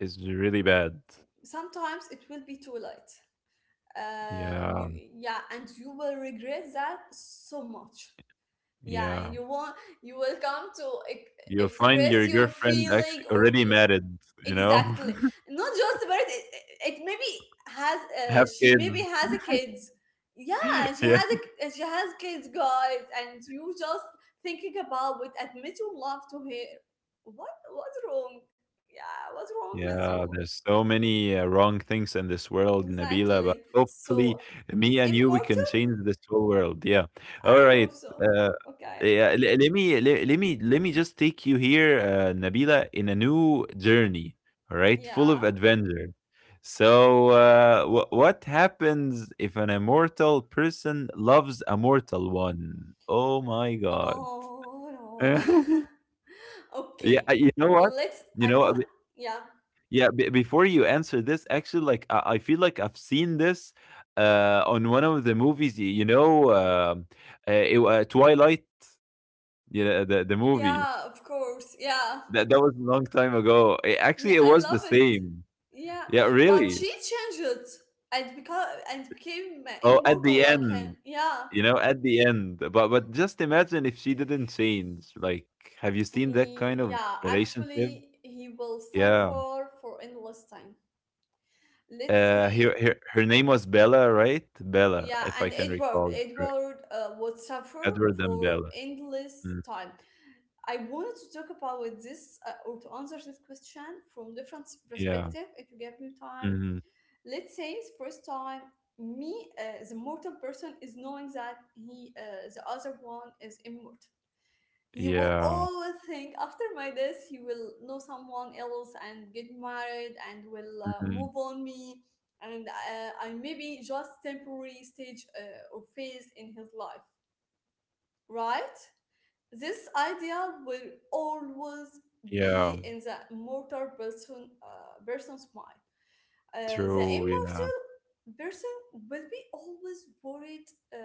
Speaker 1: Is really bad.
Speaker 2: sometimes it will be too late.
Speaker 1: Yeah.
Speaker 2: You Yeah, and you will regret that so much. Yeah, and
Speaker 1: Yeah,
Speaker 2: you will come to
Speaker 1: you'll find
Speaker 2: express
Speaker 1: your
Speaker 2: your
Speaker 1: girlfriend
Speaker 2: feeling,
Speaker 1: actually
Speaker 2: or
Speaker 1: already
Speaker 2: you,
Speaker 1: married, you know?
Speaker 2: exactly, not just about it, it maybe has
Speaker 1: Have
Speaker 2: she
Speaker 1: kids.
Speaker 2: maybe has a kids. Yeah, she
Speaker 1: Yeah.
Speaker 2: has a, she has kids, guys, and you just thinking about it, admit your love to her. what what's wrong? Yeah, what's wrong with you?
Speaker 1: Yeah, there's so many wrong things in this world,
Speaker 2: Exactly.
Speaker 1: Nabila, but
Speaker 2: So,
Speaker 1: hopefully me and you, we
Speaker 2: immortal,
Speaker 1: can change this whole world. Yeah.
Speaker 2: I
Speaker 1: All
Speaker 2: hope
Speaker 1: right.
Speaker 2: so.
Speaker 1: Uh,
Speaker 2: Okay.
Speaker 1: yeah, let me just take you here, Nabila, in a new journey, all right?
Speaker 2: Yeah.
Speaker 1: Full of adventure. So, what happens if an immortal person loves a mortal one? Oh my God.
Speaker 2: Oh, no.
Speaker 1: Yeah,
Speaker 2: Okay,
Speaker 1: you know what?
Speaker 2: let's. I
Speaker 1: You know,
Speaker 2: want. Yeah,
Speaker 1: yeah, b before you answer this, actually, I feel like I've seen this, on one of the movies, y you know, it wa Twilight, you know, the movie.
Speaker 2: yeah, of course. Yeah,
Speaker 1: That that was a long time ago. Eh, actually,
Speaker 2: yeah,
Speaker 1: it
Speaker 2: I
Speaker 1: was
Speaker 2: love
Speaker 1: the
Speaker 2: it.
Speaker 1: same.
Speaker 2: Yeah,
Speaker 1: Yeah,
Speaker 2: but
Speaker 1: really.
Speaker 2: she changed it and because and became
Speaker 1: Oh, at the
Speaker 2: immortal like
Speaker 1: end,
Speaker 2: him. Yeah,
Speaker 1: you know, at the end. But just imagine if she didn't change. Like, have you seen
Speaker 2: he.
Speaker 1: that kind of
Speaker 2: Yeah,
Speaker 1: relationship?
Speaker 2: actually, he will
Speaker 1: Yeah.
Speaker 2: suffer for endless time. Let's
Speaker 1: Her
Speaker 2: say.
Speaker 1: her her name was Bella, right? Bella,
Speaker 2: Yeah,
Speaker 1: if I
Speaker 2: and
Speaker 1: can
Speaker 2: Edward,
Speaker 1: recall correct.
Speaker 2: Edward would suffer
Speaker 1: Edward and
Speaker 2: for
Speaker 1: Bella.
Speaker 2: endless
Speaker 1: Mm.
Speaker 2: time. I wanted to talk about with this or to answer this question from different
Speaker 1: Yeah.
Speaker 2: perspective. If you give me time,
Speaker 1: Mhm.
Speaker 2: let's say it's first time me the mortal person is knowing that he the other one is immortal. He will
Speaker 1: Yeah.
Speaker 2: always think, after my death he will know someone else and get married and will move
Speaker 1: Mhm.
Speaker 2: on me, and I maybe just temporary stage or phase in his life, right? This idea will always
Speaker 1: Yeah.
Speaker 2: be in the mortal person's mind. The
Speaker 1: True, yeah.
Speaker 2: immortal person will be always worried uh,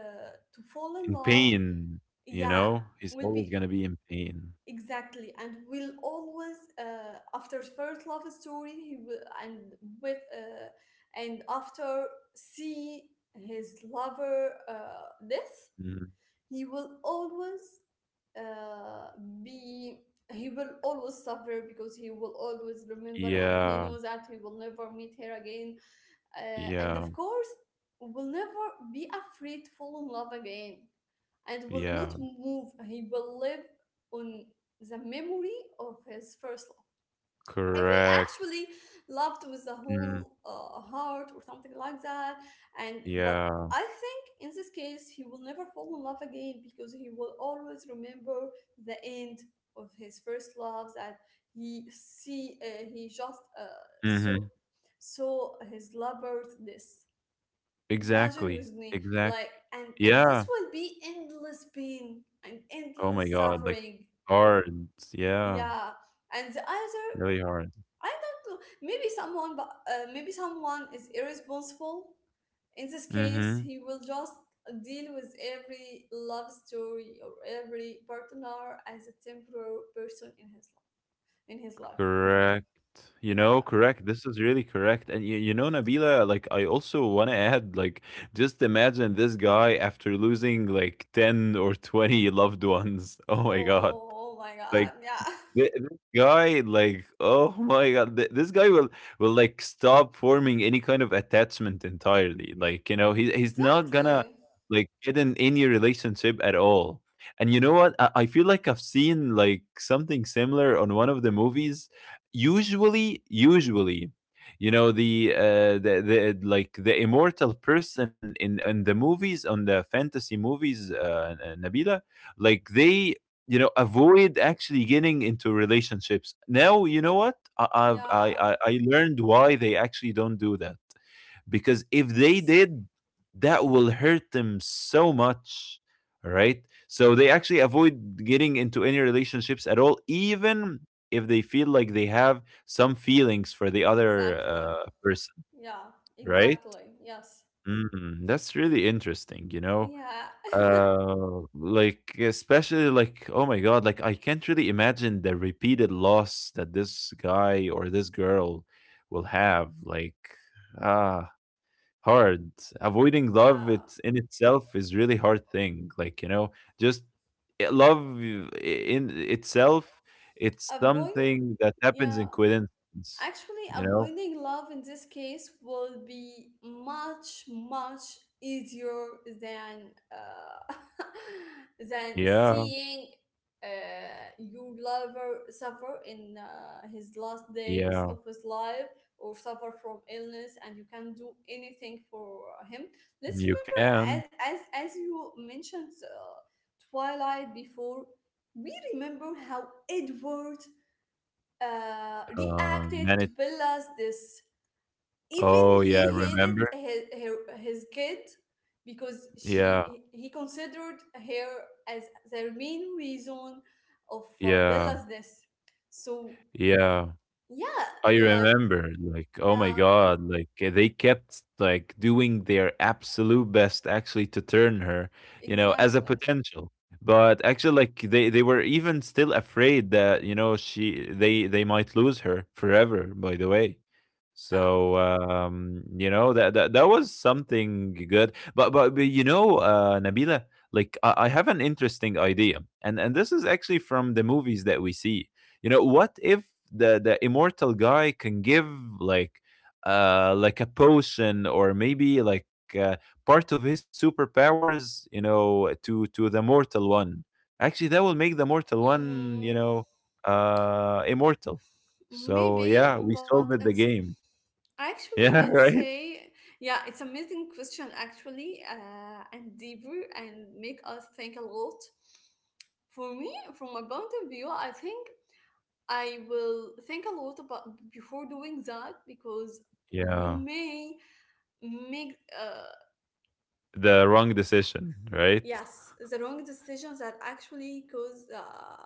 Speaker 2: to fall in
Speaker 1: In
Speaker 2: love.
Speaker 1: pain, you
Speaker 2: Yeah,
Speaker 1: know? He's
Speaker 2: will
Speaker 1: always
Speaker 2: be
Speaker 1: gonna be in pain.
Speaker 2: exactly, and will always after first love story he will and with and after see his lover death.
Speaker 1: Mhm.
Speaker 2: He will always uh, be he will always suffer because he will always remember, and he
Speaker 1: Yeah.
Speaker 2: knows that he will never meet her again, and of
Speaker 1: Yeah.
Speaker 2: course will never be afraid to fall in love again, and will not
Speaker 1: Yeah.
Speaker 2: move, he will live on the memory of his first, if he
Speaker 1: Correct.
Speaker 2: actually loved with the
Speaker 1: Mm.
Speaker 2: whole heart or something like that. And but
Speaker 1: Yeah.
Speaker 2: I think in this case he will never fall in love again because he will always remember the end of his first love, that he just saw
Speaker 1: Mhm.
Speaker 2: saw his lover's this. Imagine
Speaker 1: Exactly.
Speaker 2: with me,
Speaker 1: Exact
Speaker 2: like, and this
Speaker 1: Yeah.
Speaker 2: will be endless pain and
Speaker 1: Oh
Speaker 2: endless
Speaker 1: my god, like,
Speaker 2: suffering.
Speaker 1: hard. Yeah.
Speaker 2: Yeah, and the other,
Speaker 1: Really hard.
Speaker 2: I don't know. Maybe someone, but maybe someone is irresponsible. In this
Speaker 1: Mhm.
Speaker 2: case, he will just deal with every love story or every partner as a temporary person in his life. In his life.
Speaker 1: Correct. You know,
Speaker 2: Yeah.
Speaker 1: correct. This is really correct. And you know, Nabila, like I also want to add, like, just imagine this guy after losing like 10 or 20 loved ones. Oh
Speaker 2: Oh,
Speaker 1: my God.
Speaker 2: oh my
Speaker 1: Like,
Speaker 2: God. Yeah.
Speaker 1: This guy, like, oh my god, this guy will like stop forming any kind of attachment entirely. Like, you know, he's not gonna
Speaker 2: Exactly.
Speaker 1: like get in any relationship at all. And you know what? I feel like I've seen like something similar on one of the movies. Usually, you know, the like the immortal person in the movies on the fantasy movies, Nabila, like they you know avoid actually getting into relationships now you know what I, I've
Speaker 2: Yeah.
Speaker 1: I learned why they actually don't do that because if they
Speaker 2: Yes.
Speaker 1: did that will hurt them so much. All right, so they actually avoid getting into any relationships at all even if they feel like they have some feelings for the other
Speaker 2: Exactly.
Speaker 1: person,
Speaker 2: Yeah.
Speaker 1: right?
Speaker 2: Exactly. Yes.
Speaker 1: Mm, that's really interesting you know.
Speaker 2: Yeah.
Speaker 1: Like especially like oh my god, like I can't really imagine the repeated loss that this guy or this girl will have. Like ah, hard. Avoiding love
Speaker 2: Yeah.
Speaker 1: it's in itself is really hard thing. Like you know, just i- love i- in itself, it's
Speaker 2: Avoid.
Speaker 1: something that happens
Speaker 2: Yeah.
Speaker 1: in coincidence.
Speaker 2: Actually,
Speaker 1: You know?
Speaker 2: avoiding love in this case will be much, much easier than than
Speaker 1: Yeah,
Speaker 2: seeing your lover suffer in his last days
Speaker 1: yeah.
Speaker 2: of his life or suffer from illness, and you can't do anything for him.
Speaker 1: You
Speaker 2: Let's
Speaker 1: can
Speaker 2: remember, as you mentioned Twilight before, we remember how Edward reacted to
Speaker 1: manage.
Speaker 2: Bella's this. Even
Speaker 1: Oh yeah,
Speaker 2: he hated
Speaker 1: remember?
Speaker 2: his kid because
Speaker 1: Yeah.
Speaker 2: she he considered her as their main reason of
Speaker 1: Yeah,
Speaker 2: Bella's this. So
Speaker 1: yeah.
Speaker 2: yeah,
Speaker 1: I
Speaker 2: like
Speaker 1: remember, like, oh my
Speaker 2: yeah,
Speaker 1: God, like they kept like doing their absolute best actually to turn her, you know, as a
Speaker 2: exactly.
Speaker 1: potential. But actually, like they were even still afraid that, you know, she they might lose her forever, by the way.
Speaker 2: Yeah.
Speaker 1: So you know, that was something good. But, but you know, Nabila, like I have an interesting idea. And this is actually from the movies that we see, you know, what if the immortal guy can give like like a potion or maybe like part of his superpowers, you know, to the mortal one. Actually, that will make the mortal one, you
Speaker 2: Mm.
Speaker 1: know, immortal. So yeah,
Speaker 2: Maybe,
Speaker 1: we
Speaker 2: but
Speaker 1: solved the game.
Speaker 2: actually,
Speaker 1: Yeah,
Speaker 2: let's
Speaker 1: right?
Speaker 2: say, yeah, it's amazing question actually, and deeper and make us think a lot. For me, from my point of view, I think I will think a lot about before doing that because you
Speaker 1: Yeah.
Speaker 2: may make
Speaker 1: The wrong decision, right?
Speaker 2: yes the wrong decisions that actually cause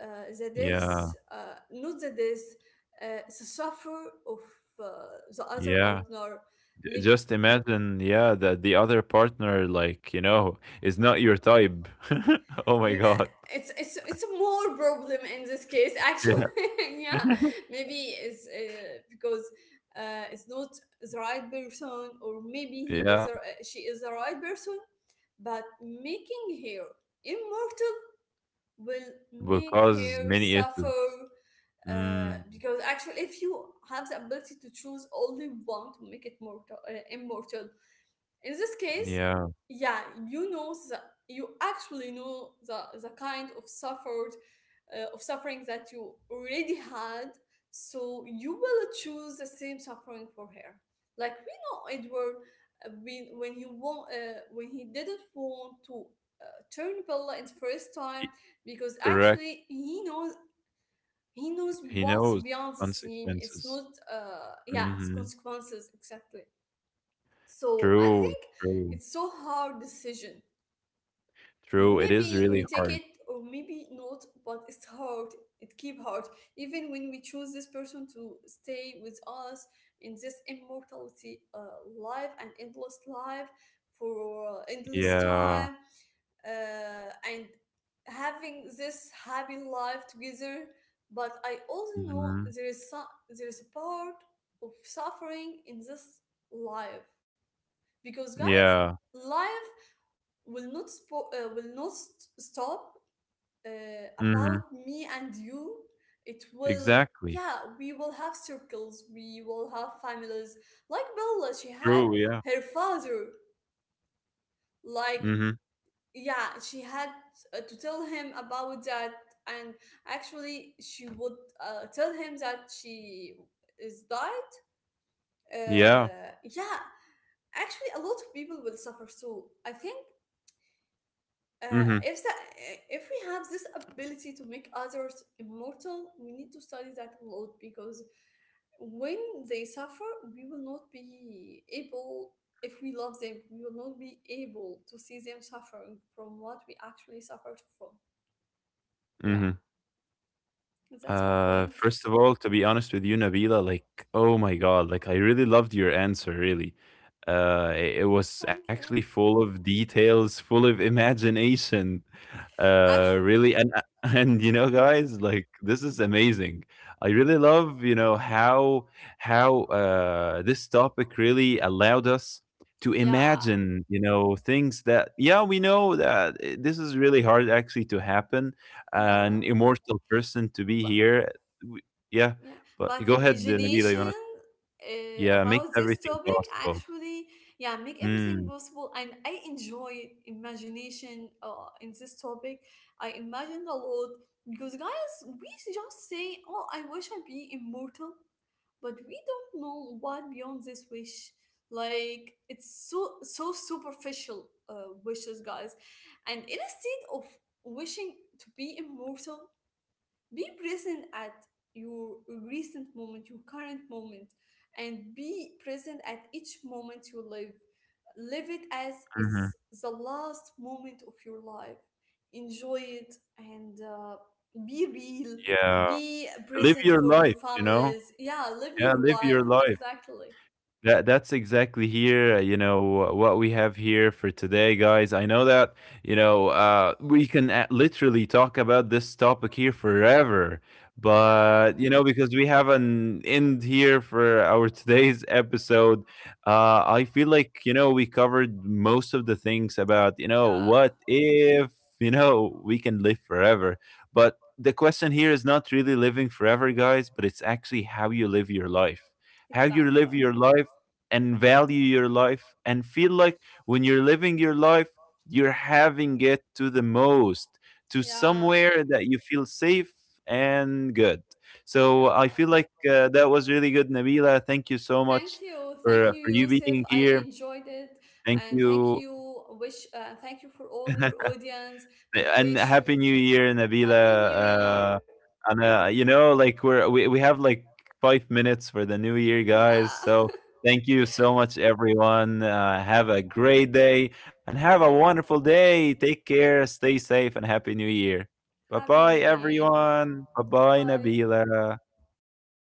Speaker 2: uh, that
Speaker 1: Yeah.
Speaker 2: is not that is the suffer of uh, the other
Speaker 1: Yeah.
Speaker 2: partner, like,
Speaker 1: Just imagine, yeah, that the other partner, like, you know, is not your type. Oh my
Speaker 2: mm,
Speaker 1: God.
Speaker 2: it's it's more problem in this case actually.
Speaker 1: Yeah.
Speaker 2: Yeah, maybe it's because it's not the right person, or maybe
Speaker 1: Yeah,
Speaker 2: she is the right person, but making her immortal will
Speaker 1: will
Speaker 2: make
Speaker 1: cause
Speaker 2: her
Speaker 1: many issues.
Speaker 2: suffer
Speaker 1: Mm,
Speaker 2: because actually if you have the ability to choose only one to make it mortal immortal, in this case,
Speaker 1: yeah,
Speaker 2: yeah, you know the, you actually know the kind of suffered of suffering that you already had, so you will choose the same suffering for her. Like we know Edward, when when he didn't want to uh, turn Bella in the first
Speaker 1: he,
Speaker 2: time, because
Speaker 1: correct.
Speaker 2: actually he knows, he knows
Speaker 1: He
Speaker 2: what's
Speaker 1: knows the
Speaker 2: beyond the scene. It's
Speaker 1: consequences.
Speaker 2: not yeah, it's
Speaker 1: Hmm.
Speaker 2: consequences, exactly. So I
Speaker 1: True,
Speaker 2: think it's so hard decision.
Speaker 1: true. It is
Speaker 2: Maybe we
Speaker 1: really
Speaker 2: take
Speaker 1: hard.
Speaker 2: it or maybe not, but it's hard. It keep hard. Even when we choose this person to stay with us in this immortality life and endless life for endless
Speaker 1: Yeah.
Speaker 2: time, and having this happy life together. But I also know
Speaker 1: Hmm.
Speaker 2: there is there is a part of suffering in this life because, guys,
Speaker 1: Yeah.
Speaker 2: life will not st- stop about
Speaker 1: Hmm.
Speaker 2: me and you, it will,
Speaker 1: Exactly.
Speaker 2: yeah, we will have circles, we will have families, like Bella, she had
Speaker 1: True. Yeah.
Speaker 2: her father, like,
Speaker 1: Hmm.
Speaker 2: yeah, she had to tell him about that, and actually she would tell him that she is died.
Speaker 1: Yeah.
Speaker 2: Yeah, actually a lot of people will suffer too, I think. Uh,
Speaker 1: Hmm.
Speaker 2: if that, if we have this ability to make others immortal, we need to study that a lot because when they suffer, we will not be able. If we love them, we will not be able to see them suffering from what we actually suffered from. Yeah,
Speaker 1: Hmm.
Speaker 2: that's my point.
Speaker 1: First of all, to be honest with you, Nabila, like, oh my God, like, I really loved your answer, really. It was
Speaker 2: Thank you.
Speaker 1: actually full of details, full of imagination
Speaker 2: Actually,
Speaker 1: really. And And you know
Speaker 2: yeah,
Speaker 1: guys like this is amazing. I really love you know how this topic really allowed us to
Speaker 2: yeah,
Speaker 1: imagine you know things that yeah we know that this is really hard actually to happen,
Speaker 2: yeah.
Speaker 1: an immortal person to be
Speaker 2: But
Speaker 1: here. w- yeah,
Speaker 2: yeah,
Speaker 1: but
Speaker 2: but
Speaker 1: go ahead, Nabila, you want to.
Speaker 2: imagination
Speaker 1: Yeah, makes
Speaker 2: about this
Speaker 1: everything
Speaker 2: topic
Speaker 1: possible.
Speaker 2: actually, yeah, make everything
Speaker 1: Mm,
Speaker 2: possible. And I enjoy imagination in this topic. I imagined a lot because, guys, we just say, "Oh, I wish I be immortal," but we don't know what beyond this wish. Like it's so so superficial wishes, guys. And instead of wishing to be immortal, be present at your recent moment, your current moment, and be present at each moment you live. Live it as
Speaker 1: mhm.
Speaker 2: it's the last moment of your life. Enjoy it and be real.
Speaker 1: Yeah,
Speaker 2: Be
Speaker 1: live
Speaker 2: present
Speaker 1: your
Speaker 2: for your
Speaker 1: life, you know.
Speaker 2: families. Yeah, live
Speaker 1: Yeah,
Speaker 2: your
Speaker 1: live
Speaker 2: life.
Speaker 1: your life.
Speaker 2: Exactly.
Speaker 1: That's exactly here, you know, what we have here for today, guys. I know that, you know, we can literally talk about this topic here forever,
Speaker 2: Yeah,
Speaker 1: but you know, because we have an end here for our today's episode, I feel like, you know, we covered most of the things about, you know,
Speaker 2: yeah,
Speaker 1: what if, you know, we can live forever. But the question here is not really living forever, guys, but it's actually how you live your life, how you
Speaker 2: exactly.
Speaker 1: live your life and value your life and feel like when you're living your life, you're having it to the most, to
Speaker 2: Yeah,
Speaker 1: somewhere that you feel safe and good. So I
Speaker 2: yeah.
Speaker 1: feel like that was really good, Nabila. Thank you so much
Speaker 2: Thank you,
Speaker 1: for you
Speaker 2: Yusuf.
Speaker 1: being
Speaker 2: I
Speaker 1: here.
Speaker 2: enjoyed it,
Speaker 1: Thank
Speaker 2: and thank
Speaker 1: you.
Speaker 2: you. Wish Thank you for all your audience, and
Speaker 1: And
Speaker 2: wish
Speaker 1: happy
Speaker 2: you
Speaker 1: New Year,
Speaker 2: happy New Year.
Speaker 1: Nabila. And you know, like we have like 5 minutes for the New Year,
Speaker 2: Yeah,
Speaker 1: guys. So thank you so much, everyone. Have a great day and have a wonderful day. Take care, stay safe, and happy New Year. Bye
Speaker 2: happy New
Speaker 1: bye,
Speaker 2: Year.
Speaker 1: everyone. Bye bye,
Speaker 2: Bye.
Speaker 1: Nabila.